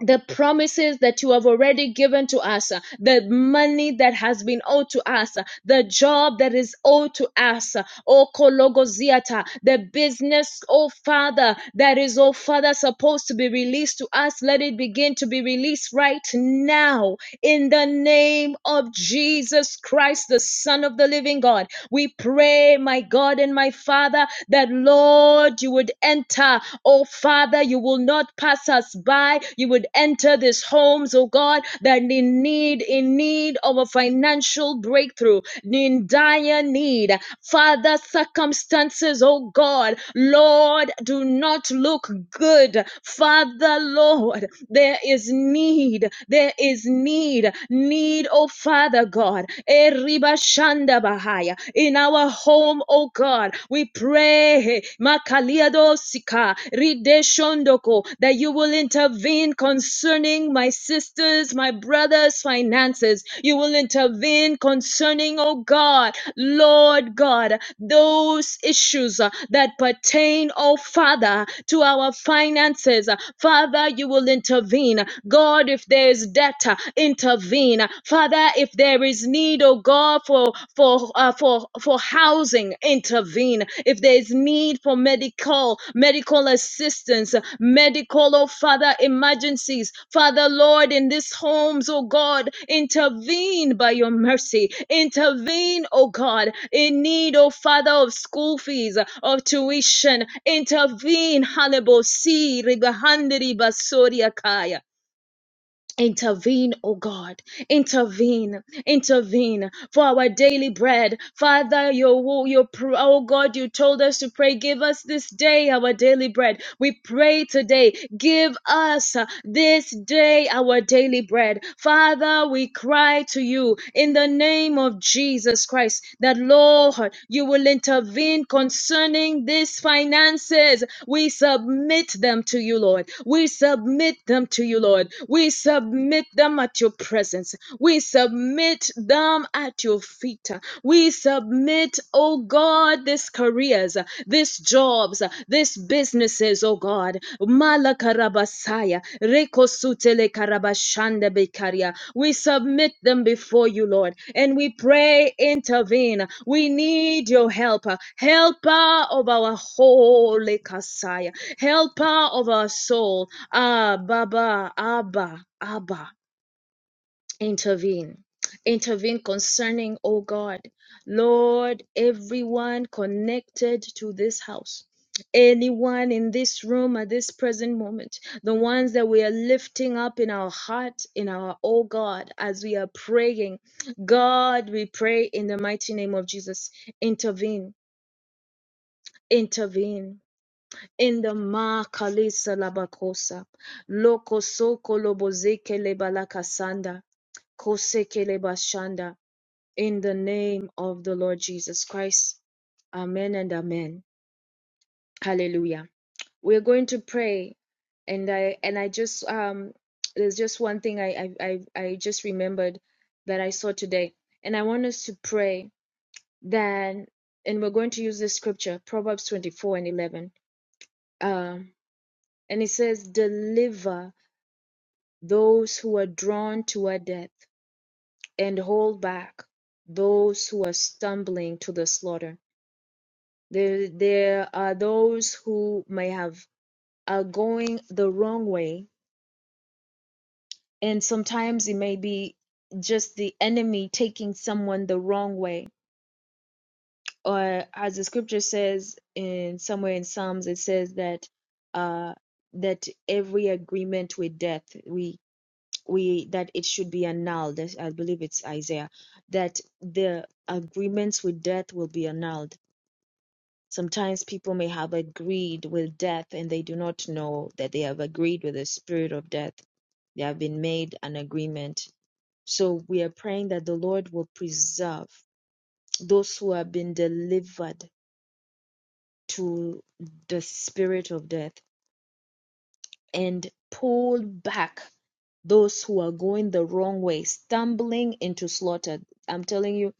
Speaker 1: the promises that you have already given to us, uh, the money that has been owed to us, uh, the job that is owed to us, uh, oh Kologoziata, the business, oh Father, that is, oh Father, supposed to be released to us. Let it begin to be released right now in the name of Jesus Christ, the Son of the living God. We pray, my God and my Father, that Lord, you would enter. Oh Father, you will not pass us by. You would enter these homes, oh God, that in need, in need of a financial breakthrough, in dire need. Father, circumstances, oh God, Lord, do not look good. Father, Lord, there is need. There is need. Need, oh Father God. God. Eriba shanda bahaya. In our home, oh God, we pray Makaliado sika, ride that you will intervene concerning my sisters, my brothers' finances. You will intervene concerning, oh God, Lord God, those issues uh, that pertain, oh Father, to our finances. Father, you will intervene. God, if there is debt uh, in intervene. Father, if there is need, oh God, for for uh, for for housing, intervene. If there is need for medical medical assistance, medical, oh Father, emergencies, Father Lord, in these homes, oh God, intervene by your mercy. Intervene, oh God, in need, oh Father, of school fees, of tuition. Intervene, Hannibal, see, Ribahandri, Basoria, Kaya. Intervene, O God. Intervene, intervene for our daily bread. Father, your wo- your pr- oh God, you told us to pray. Give us this day our daily bread. We pray today. Give us uh, this day our daily bread. Father, we cry to you in the name of Jesus Christ that Lord, you will intervene concerning these finances lives. We submit them to you, Lord. We submit them to you, Lord. We submit them at your presence. We submit them at your feet. We submit, oh God, these careers, these jobs, these businesses, oh God. Malakarabasaya, rekosutele karabashanda bekaria. We submit them before you, Lord, and we pray, intervene. We need your help, uh, helper of our holy Kasaya, helper of our soul. Ah, Baba, Abba, Abba intervene. Intervene concerning, oh God, Lord, everyone connected to this house. Anyone in this room at this present moment, the ones that we are lifting up in our heart, in our, oh God, as we are praying, God, we pray in the mighty name of Jesus, intervene, intervene in the Makalisa Labakosa, Loko Soko Lobozeke Lebalakasanda, Koseke Lebashanda, in the name of the Lord Jesus Christ. Amen and amen. Hallelujah. We're going to pray, and I and I just um there's just one thing I I I, I just remembered that I saw today, and I want us to pray that, and we're going to use this scripture Proverbs 24 and 11. Um. And it says, Deliver those who are drawn toward death, and hold back those who are stumbling to the slaughter. There, there are those who may have are going the wrong way, and sometimes it may be just the enemy taking someone the wrong way. Or as the scripture says in somewhere in Psalms, it says that uh that every agreement with death. we." we that it should be annulled. This- I believe it's Isaiah that the agreements with death will be annulled. Sometimes people may have agreed with death and they do not know that they have agreed with the spirit of death. They have been made an agreement. So we are praying that the Lord will preserve those who have been delivered to the spirit of death and pull back those who are going the wrong way, stumbling into slaughter. I'm telling you,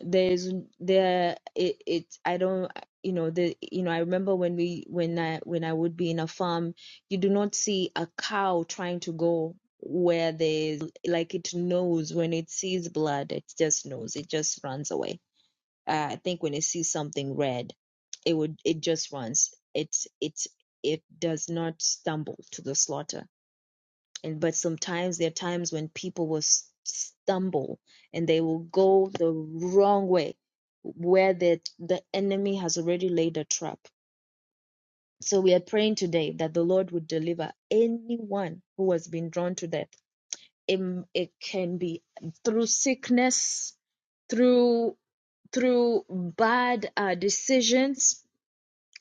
Speaker 1: there's there it, it I don't you know the you know I remember when we when I when I would be in a farm, you do not see a cow trying to go where there's like it knows when it sees blood, it just knows it just runs away. Uh, I think when it sees something red, it would it just runs. It's it's it does not stumble to the slaughter and but sometimes there are times when people will s- stumble and they will go the wrong way where the the enemy has already laid a trap so we are praying today that the lord would deliver anyone who has been drawn to death it, it can be through sickness through through bad uh, decisions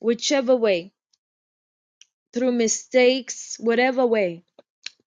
Speaker 1: whichever way through mistakes whatever way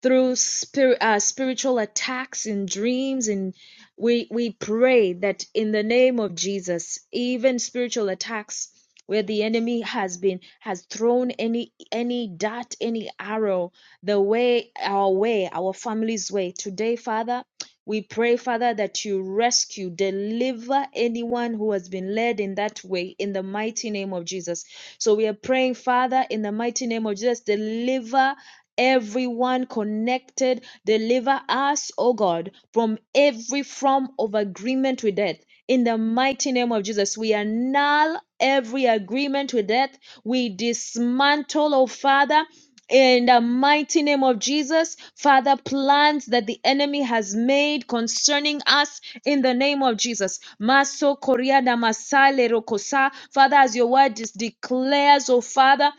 Speaker 1: through spir- uh, spiritual attacks in dreams and we we pray that in the name of Jesus even spiritual attacks where the enemy has been has thrown any any dart any arrow the way our way our family's way today father we pray father that you rescue deliver anyone who has been led in that way in the mighty name of Jesus so we are praying father in the mighty name of Jesus deliver everyone connected. Deliver us, O God, from every form of agreement with death. In the mighty name of Jesus, we annul every agreement with death. We dismantle, O Father, in the mighty name of Jesus, Father, plans that the enemy has made concerning us in the name of Jesus. Maso koria da masale rokosa. Father, as your word is declares, oh Father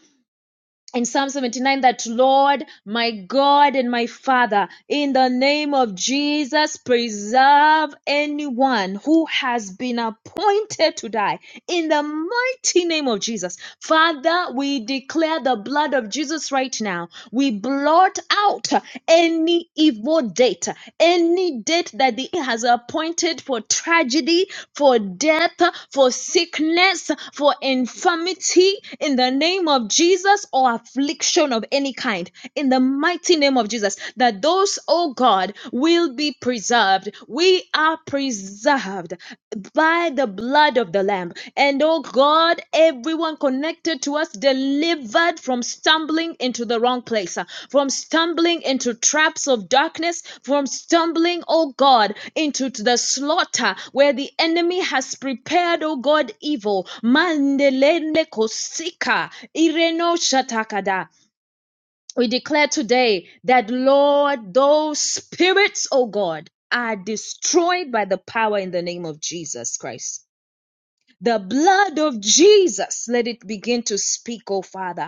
Speaker 1: in Psalm 79 that Lord, my God and my Father, in the name of Jesus, preserve anyone who has been appointed to die. In the mighty name of Jesus. Father, we declare the blood of Jesus right now. We blot out any evil date, any date that the has appointed for tragedy, for death, for sickness, for infirmity in the name of Jesus or affliction of any kind in the mighty name of Jesus. That those, oh God, will be preserved. We are preserved by the blood of the Lamb. And oh God, everyone connected to us delivered from stumbling into the wrong place, uh, from stumbling into traps of darkness, from stumbling, oh God, into t- the slaughter where the enemy has prepared, oh God, evil. Mandelene kosika, ireno shatakada. We declare today that, Lord, those spirits, oh God, are destroyed by the power in the name of Jesus Christ. The blood of Jesus, let it begin to speak, oh Father.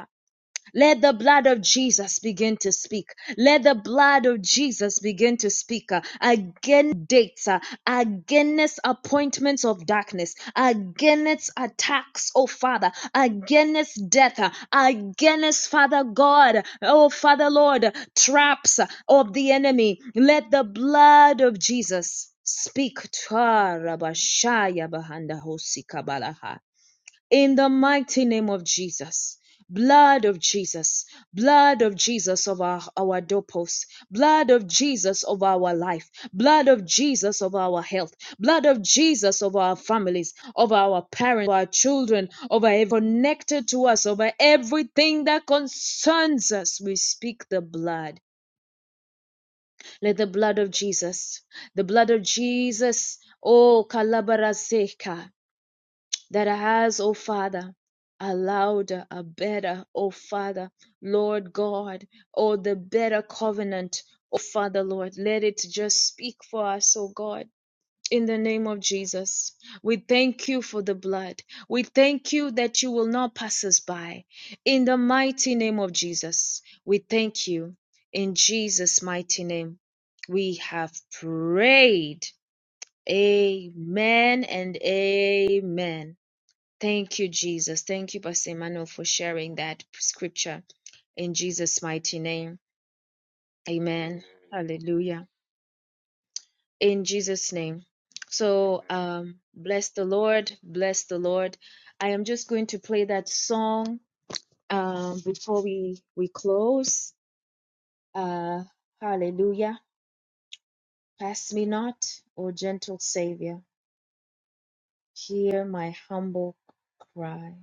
Speaker 1: Let the blood of Jesus begin to speak. Let the blood of Jesus begin to speak uh, again dates, uh, against appointments of darkness, against attacks, oh Father, against death, uh, against Father God, oh Father Lord, traps uh, of the enemy. Let the blood of Jesus speak. Twarabashaya bahanda hosi kabalaha in the mighty name of Jesus. Blood of Jesus, blood of Jesus of our, our doorposts, blood of Jesus of our life, blood of Jesus of our health, blood of Jesus of our families, of our parents, of our children, over every connected to us, over everything that concerns us. We speak the blood. Let the blood of Jesus, the blood of Jesus, oh Kalabaraseka that has, O Father, a louder, a better, O Father, Lord God, O the better covenant, O Father, Lord, let it just speak for us, O God. In the name of Jesus, we thank you for the blood. We thank you that you will not pass us by. In the mighty name of Jesus, we thank you. In Jesus' mighty name, we have prayed. Amen and amen. Thank you, Jesus. Thank you, Pastor Emmanuel, for sharing that scripture in Jesus' mighty name. Amen.
Speaker 2: Amen.
Speaker 1: Hallelujah. In Jesus' name. So,
Speaker 2: Amen.
Speaker 1: um, bless the Lord. Bless the Lord. I am just going to play that song um, before we we close. Uh, hallelujah. Pass me not, O gentle Savior. Hear my humble cry.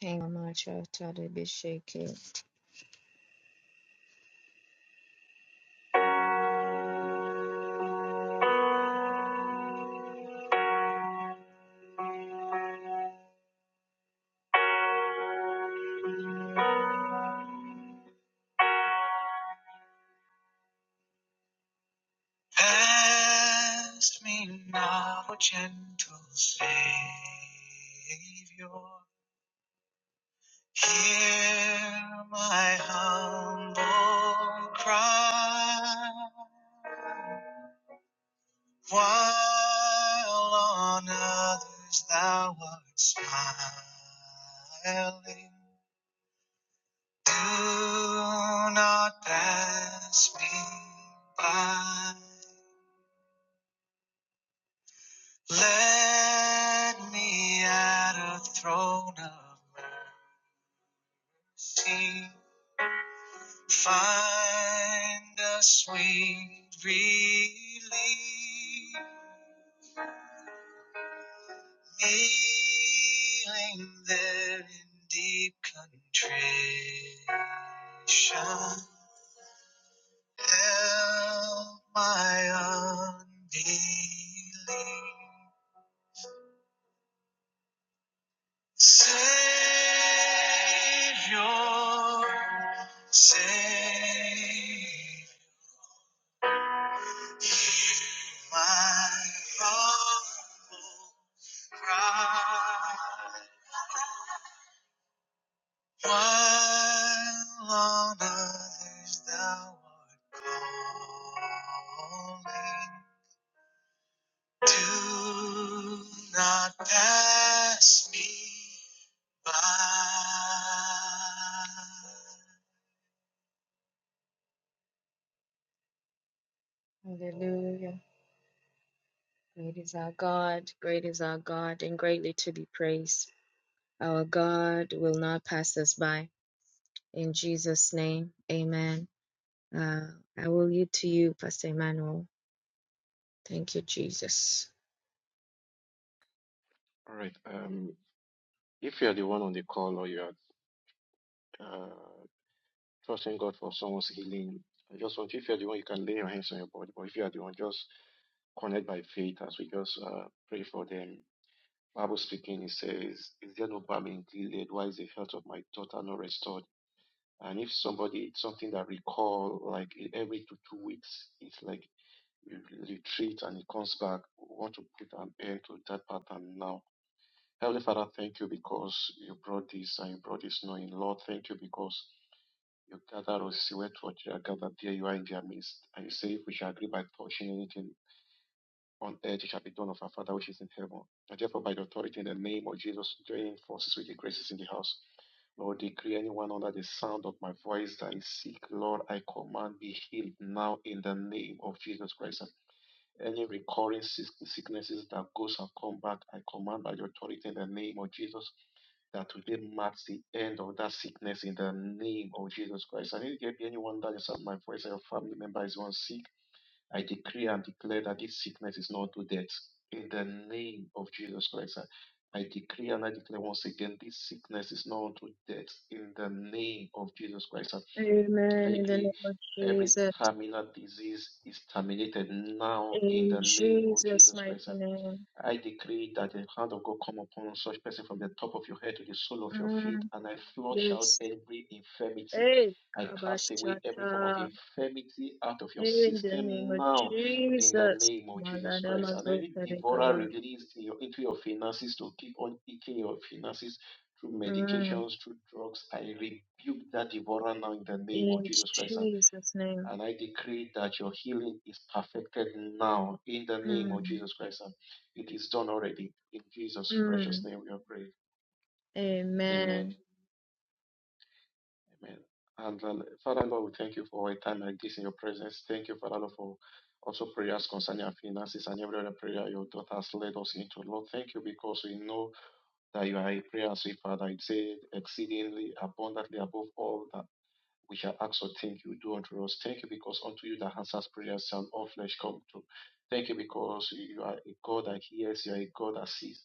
Speaker 1: Thank you, my child, Tade Bisheke. Pass me now, gentle Savior. Hear my humble cry. While on others thou art smiling, do not pass me by. Let me at a throne of mercy find a sweet relief. Kneeling there in deep contrition, help my unbelief. Savior, save my humble cry. While on others thou art calling, do not pass me by. Hallelujah. Great is our God, great is our God, and greatly to be praised. Our God will not pass us by. In Jesus' name, amen. Uh, I will yield to you, Pastor Emmanuel. Thank you, Jesus.
Speaker 2: All right. Um, if you are the one on the call or you are uh, trusting God for someone's healing, I just want if you are the one, you can lay your hands on your body. But if you are the one, just connect by faith as we just uh, pray for them. Bible speaking, it says, "Is there no balm in Gilead? Why is the health of my daughter not restored?" And if somebody, it's something that recall like every two two weeks, it's like you retreat and it comes back. We want to put an end to that pattern now Heavenly Father, thank you because you brought this and you brought this knowing. Lord, thank you because you gather us see where what you are gathered. There you are in their midst. And you say, if we shall agree by touching anything on earth, it shall be done of our Father which is in heaven. And therefore, by the authority in the name of Jesus, joining forces with the graces in the house. Lord, decree anyone under the sound of my voice that is sick. Lord, I command be healed now in the name of Jesus Christ. Any recurring sicknesses that goes and come back, I command by your authority in the name of Jesus that today marks the end of that sickness in the name of Jesus Christ. I need to be anyone that is at my voice, your family member is one sick, I decree and declare that this sickness is not to death in the name of Jesus Christ. I I decree and I declare once again, this sickness is not unto death in the name of Jesus Christ.
Speaker 1: Amen. In the
Speaker 2: Likely
Speaker 1: name of
Speaker 2: every
Speaker 1: Jesus.
Speaker 2: terminal disease is terminated now in
Speaker 1: In
Speaker 2: the name of
Speaker 1: Jesus'
Speaker 2: Jesus
Speaker 1: mighty
Speaker 2: Christ.
Speaker 1: name.
Speaker 2: I decree that the hand of God come upon such person from the top of your head to the sole of your feet,
Speaker 1: Mm,
Speaker 2: and I flush out
Speaker 1: yes.
Speaker 2: every infirmity.
Speaker 1: Hey,
Speaker 2: I cast away every form of
Speaker 1: Kabashata.
Speaker 2: infirmity out of your
Speaker 1: In the name
Speaker 2: system
Speaker 1: of
Speaker 2: now in the
Speaker 1: Jesus.
Speaker 2: name of Jesus Christ. And any
Speaker 1: Maladamazotare
Speaker 2: devourer
Speaker 1: Kaba.
Speaker 2: released in your, into your finances to keep on eating your finances through medications, through drugs, I rebuke that devourer now in the name of
Speaker 1: In
Speaker 2: Jesus Christ And
Speaker 1: Jesus' name.
Speaker 2: and I decree that your healing is perfected now in the name of
Speaker 1: Mm,
Speaker 2: Jesus Christ. And it is done already. In Jesus' precious
Speaker 1: mm,
Speaker 2: name we are praying. Amen.
Speaker 1: amen.
Speaker 2: Amen. And uh, Father Lord, we thank you for a time like this in your presence. Thank you, Father Lord, for also prayers concerning our finances and every other prayer your daughter has led us into. Lord, thank you because we know that you are a prayer answering Father. It's exceedingly abundantly above all that We shall ask or think you do unto us. Thank you because unto you that answers prayers shall all flesh come to. Thank you because you are a God that hears, you are a God that sees.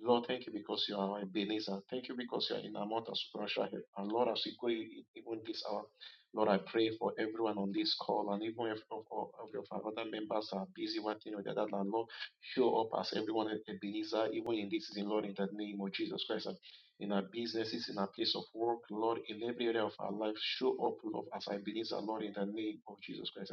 Speaker 2: Lord, thank you because you are our Ebenezer. Thank you because you are in our mouth of supernatural help. And Lord, as we go even this hour, Lord, I pray for everyone on this call and even if of, of, of our other members are busy one thing or the other, that Lord, show up as everyone at Ebenezer, even in this season, Lord, in the name of Jesus Christ in our businesses, in our place of work, Lord, in every area of our life. Show up, Lord, as I believe, Lord, in the name of Jesus Christ.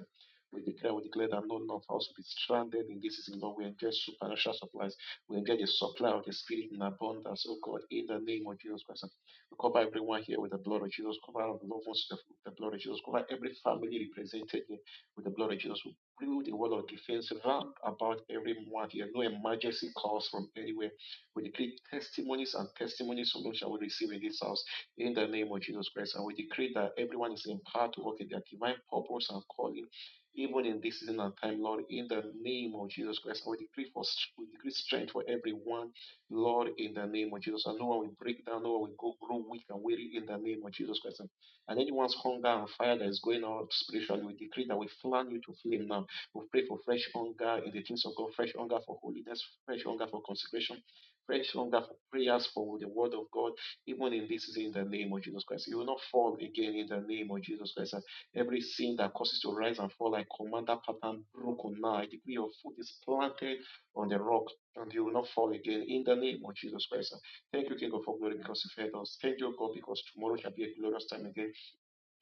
Speaker 2: We declare, we declare that no one of us will be stranded in this season, Lord. We enjoy supernatural supplies. We enjoy the supply of the Spirit in abundance, oh God, in the name of Jesus Christ. We cover everyone here with the blood of Jesus. Cover our loved ones with the the blood of Jesus. Cover every family represented here with the blood of Jesus. We build a wall of defense round about everyone here. No emergency calls from anywhere we decree testimonies and testimonies of those shall we receive in this house in the name of Jesus Christ. And we decree that everyone is empowered to work in their divine purpose and calling, even in this season and time, Lord, in the name of Jesus Christ. And we decree for we decree strength for everyone, Lord, in the name of Jesus. And no one will break down, no one will go grow weak and weary in the name of Jesus Christ. and anyone's hunger and fire that is going out spiritually, we decree that we fan you to flame now. We pray for fresh hunger in the things of God, fresh hunger for holiness, fresh hunger for consecration fresh hunger for prayers for the word of God, even in this season, in the name of Jesus Christ. You will not fall again in the name of Jesus Christ. And every sin that causes you to rise and fall, I command that pattern broken now. I decree your foot is planted on the rock, and you will not fall again in the name of Jesus Christ. Thank you, King of all glory, because you fed us. Thank you, God, because tomorrow shall be a glorious time again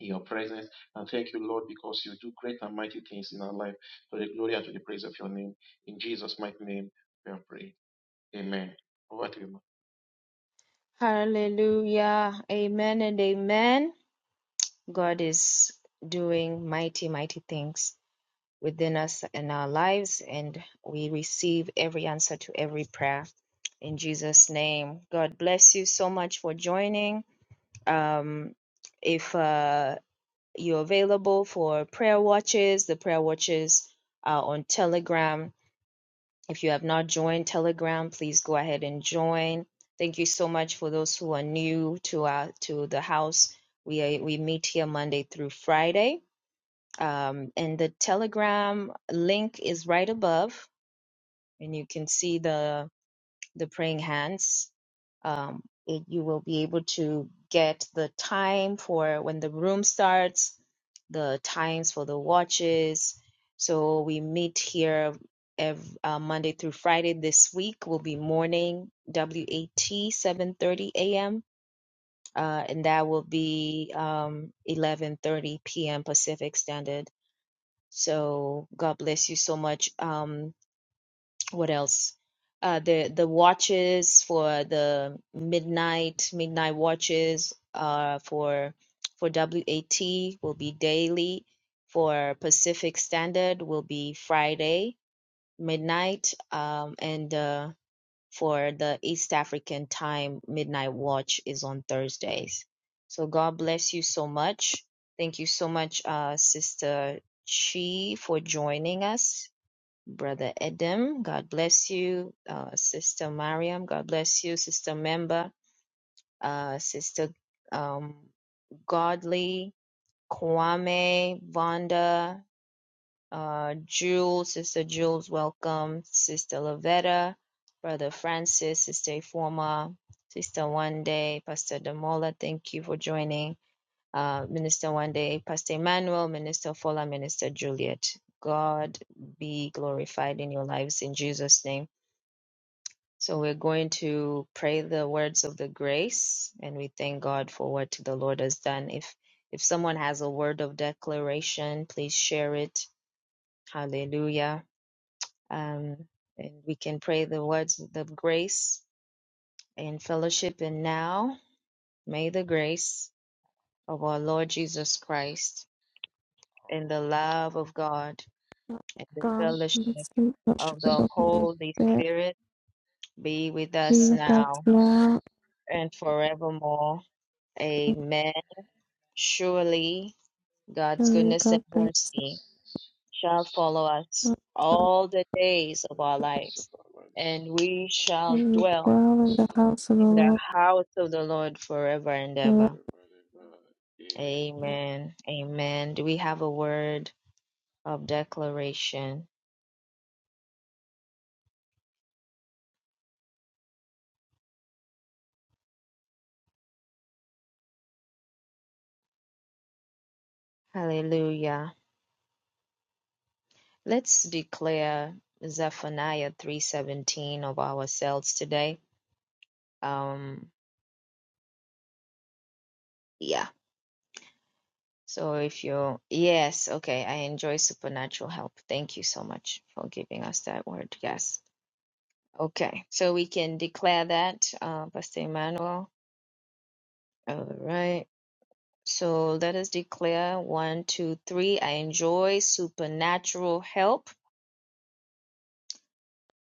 Speaker 2: in your presence. And thank you, Lord, because you do great and mighty things in our life to the glory and to the praise of your name. In Jesus' mighty name, we are praying. Amen. Over to you,
Speaker 1: Hallelujah. Amen and amen. God is doing mighty, mighty things within us and our lives, and we receive every answer to every prayer in Jesus' name. God bless you so much for joining. Um, if uh, you're available for prayer watches, the prayer watches are on Telegram If you have not joined Telegram, please go ahead and join. Thank you so much for those who are new to our to the house. We are, we meet here Monday through Friday, um, and the Telegram link is right above, and you can see the the praying hands. Um, it, you will be able to get the time for when the room starts, the times for the watches. So we meet here ev uh, Monday through Friday. This week will be morning WAT 7:30 a.m. Uh, and that will be um, 11:30 p.m. Pacific Standard. So God bless you so much. Um, what else? Uh, the the watches for the midnight midnight watches uh, for for WAT will be daily. For Pacific Standard will be Friday midnight, um, and uh, for the East African time midnight watch is on Thursdays. So God bless you so much. Thank you so much, uh, Sister Chi, for joining us Brother Edem, God bless you. Uh, Sister Mariam, God bless you. Sister Member, uh, Sister um, Godly, Kwame, Vonda, uh, Jules, Sister Jules, welcome. Sister Lavetta, Brother Francis, Sister Forma, Sister One Day, Pastor Damola, thank you for joining. Uh, Minister One Day, Pastor Emmanuel, Minister Fola, Minister Juliet. God be glorified in your lives in Jesus' name. So we're going to pray the words of the grace and we thank God for what the Lord has done. If if someone has a word of declaration, please share it. Hallelujah. Um, and we can pray the words of the grace and fellowship. And now may the grace of our
Speaker 2: Lord
Speaker 1: Lord
Speaker 2: Jesus
Speaker 1: Jesus
Speaker 2: Christ,
Speaker 1: Christ
Speaker 2: our
Speaker 1: and the
Speaker 2: God and
Speaker 1: love of God and the
Speaker 2: the
Speaker 4: God,
Speaker 1: fellowship
Speaker 2: Savior,
Speaker 4: instant worship
Speaker 1: of
Speaker 2: is
Speaker 4: of
Speaker 1: the
Speaker 4: the Holy
Speaker 1: Holy
Speaker 4: Spirit,
Speaker 1: Spirit be with
Speaker 2: every
Speaker 4: be
Speaker 1: us
Speaker 4: with
Speaker 1: now
Speaker 2: sacrifice,
Speaker 4: now
Speaker 1: and forevermore. Amen. Surely God's
Speaker 4: and we
Speaker 1: goodness and
Speaker 4: got from
Speaker 2: every
Speaker 1: mercy
Speaker 2: celestial
Speaker 1: shall follow us
Speaker 4: so
Speaker 1: all the days of our
Speaker 2: every
Speaker 1: lives,
Speaker 2: sacrifice,
Speaker 1: and we
Speaker 2: and we
Speaker 1: shall
Speaker 4: when
Speaker 2: shall
Speaker 4: we
Speaker 1: dwell
Speaker 2: dwell in the
Speaker 4: dwell
Speaker 2: house
Speaker 4: in the
Speaker 2: of the Lord
Speaker 4: house of the
Speaker 1: in the
Speaker 4: Lord
Speaker 1: house of the Lord forever and
Speaker 4: forever.
Speaker 1: ever.
Speaker 2: forever and ever. Amen.
Speaker 1: Amen. Amen. Do we have a word of declaration? Hallelujah. Let's declare Zephaniah 3:17 of ourselves today. Um yeah. So if you, yes, okay, I enjoy supernatural help. Thank you so much for giving us that word. Yes. Okay. So we can declare that, uh, Pastor Emmanuel. All right. So let us declare one, two, three. I enjoy supernatural help.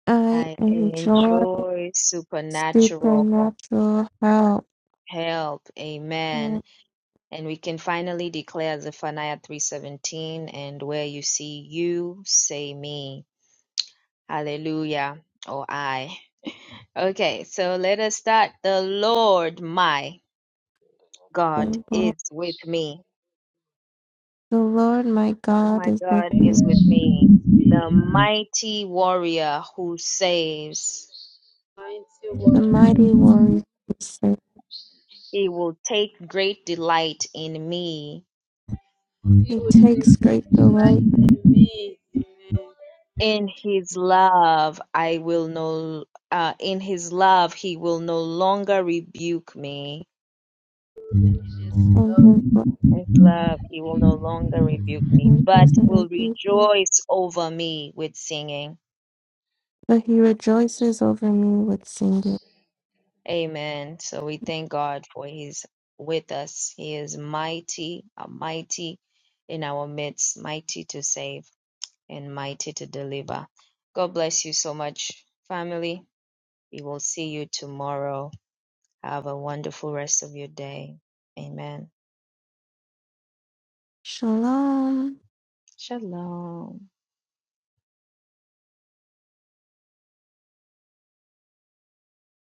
Speaker 4: I
Speaker 1: I
Speaker 4: enjoy
Speaker 1: enjoy supernatural
Speaker 4: supernatural help.
Speaker 1: help. Amen.
Speaker 4: Oh,
Speaker 1: And we can finally declare Zephaniah 3:17 and where you see you, say me. Hallelujah. Oh, I. Okay, so let us start. The Lord my God
Speaker 4: thank God.
Speaker 1: is with
Speaker 2: Speaking
Speaker 1: me.
Speaker 4: The Lord my God
Speaker 1: My
Speaker 4: is with
Speaker 1: God
Speaker 2: God
Speaker 4: me.
Speaker 1: is with
Speaker 2: is speaking
Speaker 1: me. The mighty
Speaker 2: with
Speaker 1: warrior
Speaker 2: you,
Speaker 1: who
Speaker 2: Lord,
Speaker 1: saves.
Speaker 2: saves,
Speaker 4: The
Speaker 2: take great delight in
Speaker 4: mighty warrior
Speaker 2: who
Speaker 4: is safe.
Speaker 2: saves,
Speaker 1: He will take great delight in me.
Speaker 4: He
Speaker 2: take great
Speaker 4: takes great
Speaker 2: delight
Speaker 4: delight
Speaker 1: In his love, I will no, uh, in his love, he will no longer rebuke me
Speaker 2: in his love,
Speaker 4: in his life.
Speaker 2: will
Speaker 1: and
Speaker 2: no longer
Speaker 1: love.
Speaker 2: reject
Speaker 1: He will
Speaker 2: me,
Speaker 1: no longer rebuke me,
Speaker 4: He
Speaker 1: but will
Speaker 4: doesn't rebuke me,
Speaker 1: rejoice over me with singing.
Speaker 4: but he
Speaker 2: will rejoice
Speaker 4: rejoices
Speaker 2: over
Speaker 4: over
Speaker 2: me,
Speaker 4: me with singing.
Speaker 2: saying, Amen.
Speaker 1: Amen. So we thank God for He's with us. He is mighty, uh, mighty in our midst, mighty to save and mighty to deliver. God bless you so much, family. We will see you tomorrow. Have a wonderful rest of your day. Amen.
Speaker 4: Shalom.
Speaker 1: Shalom.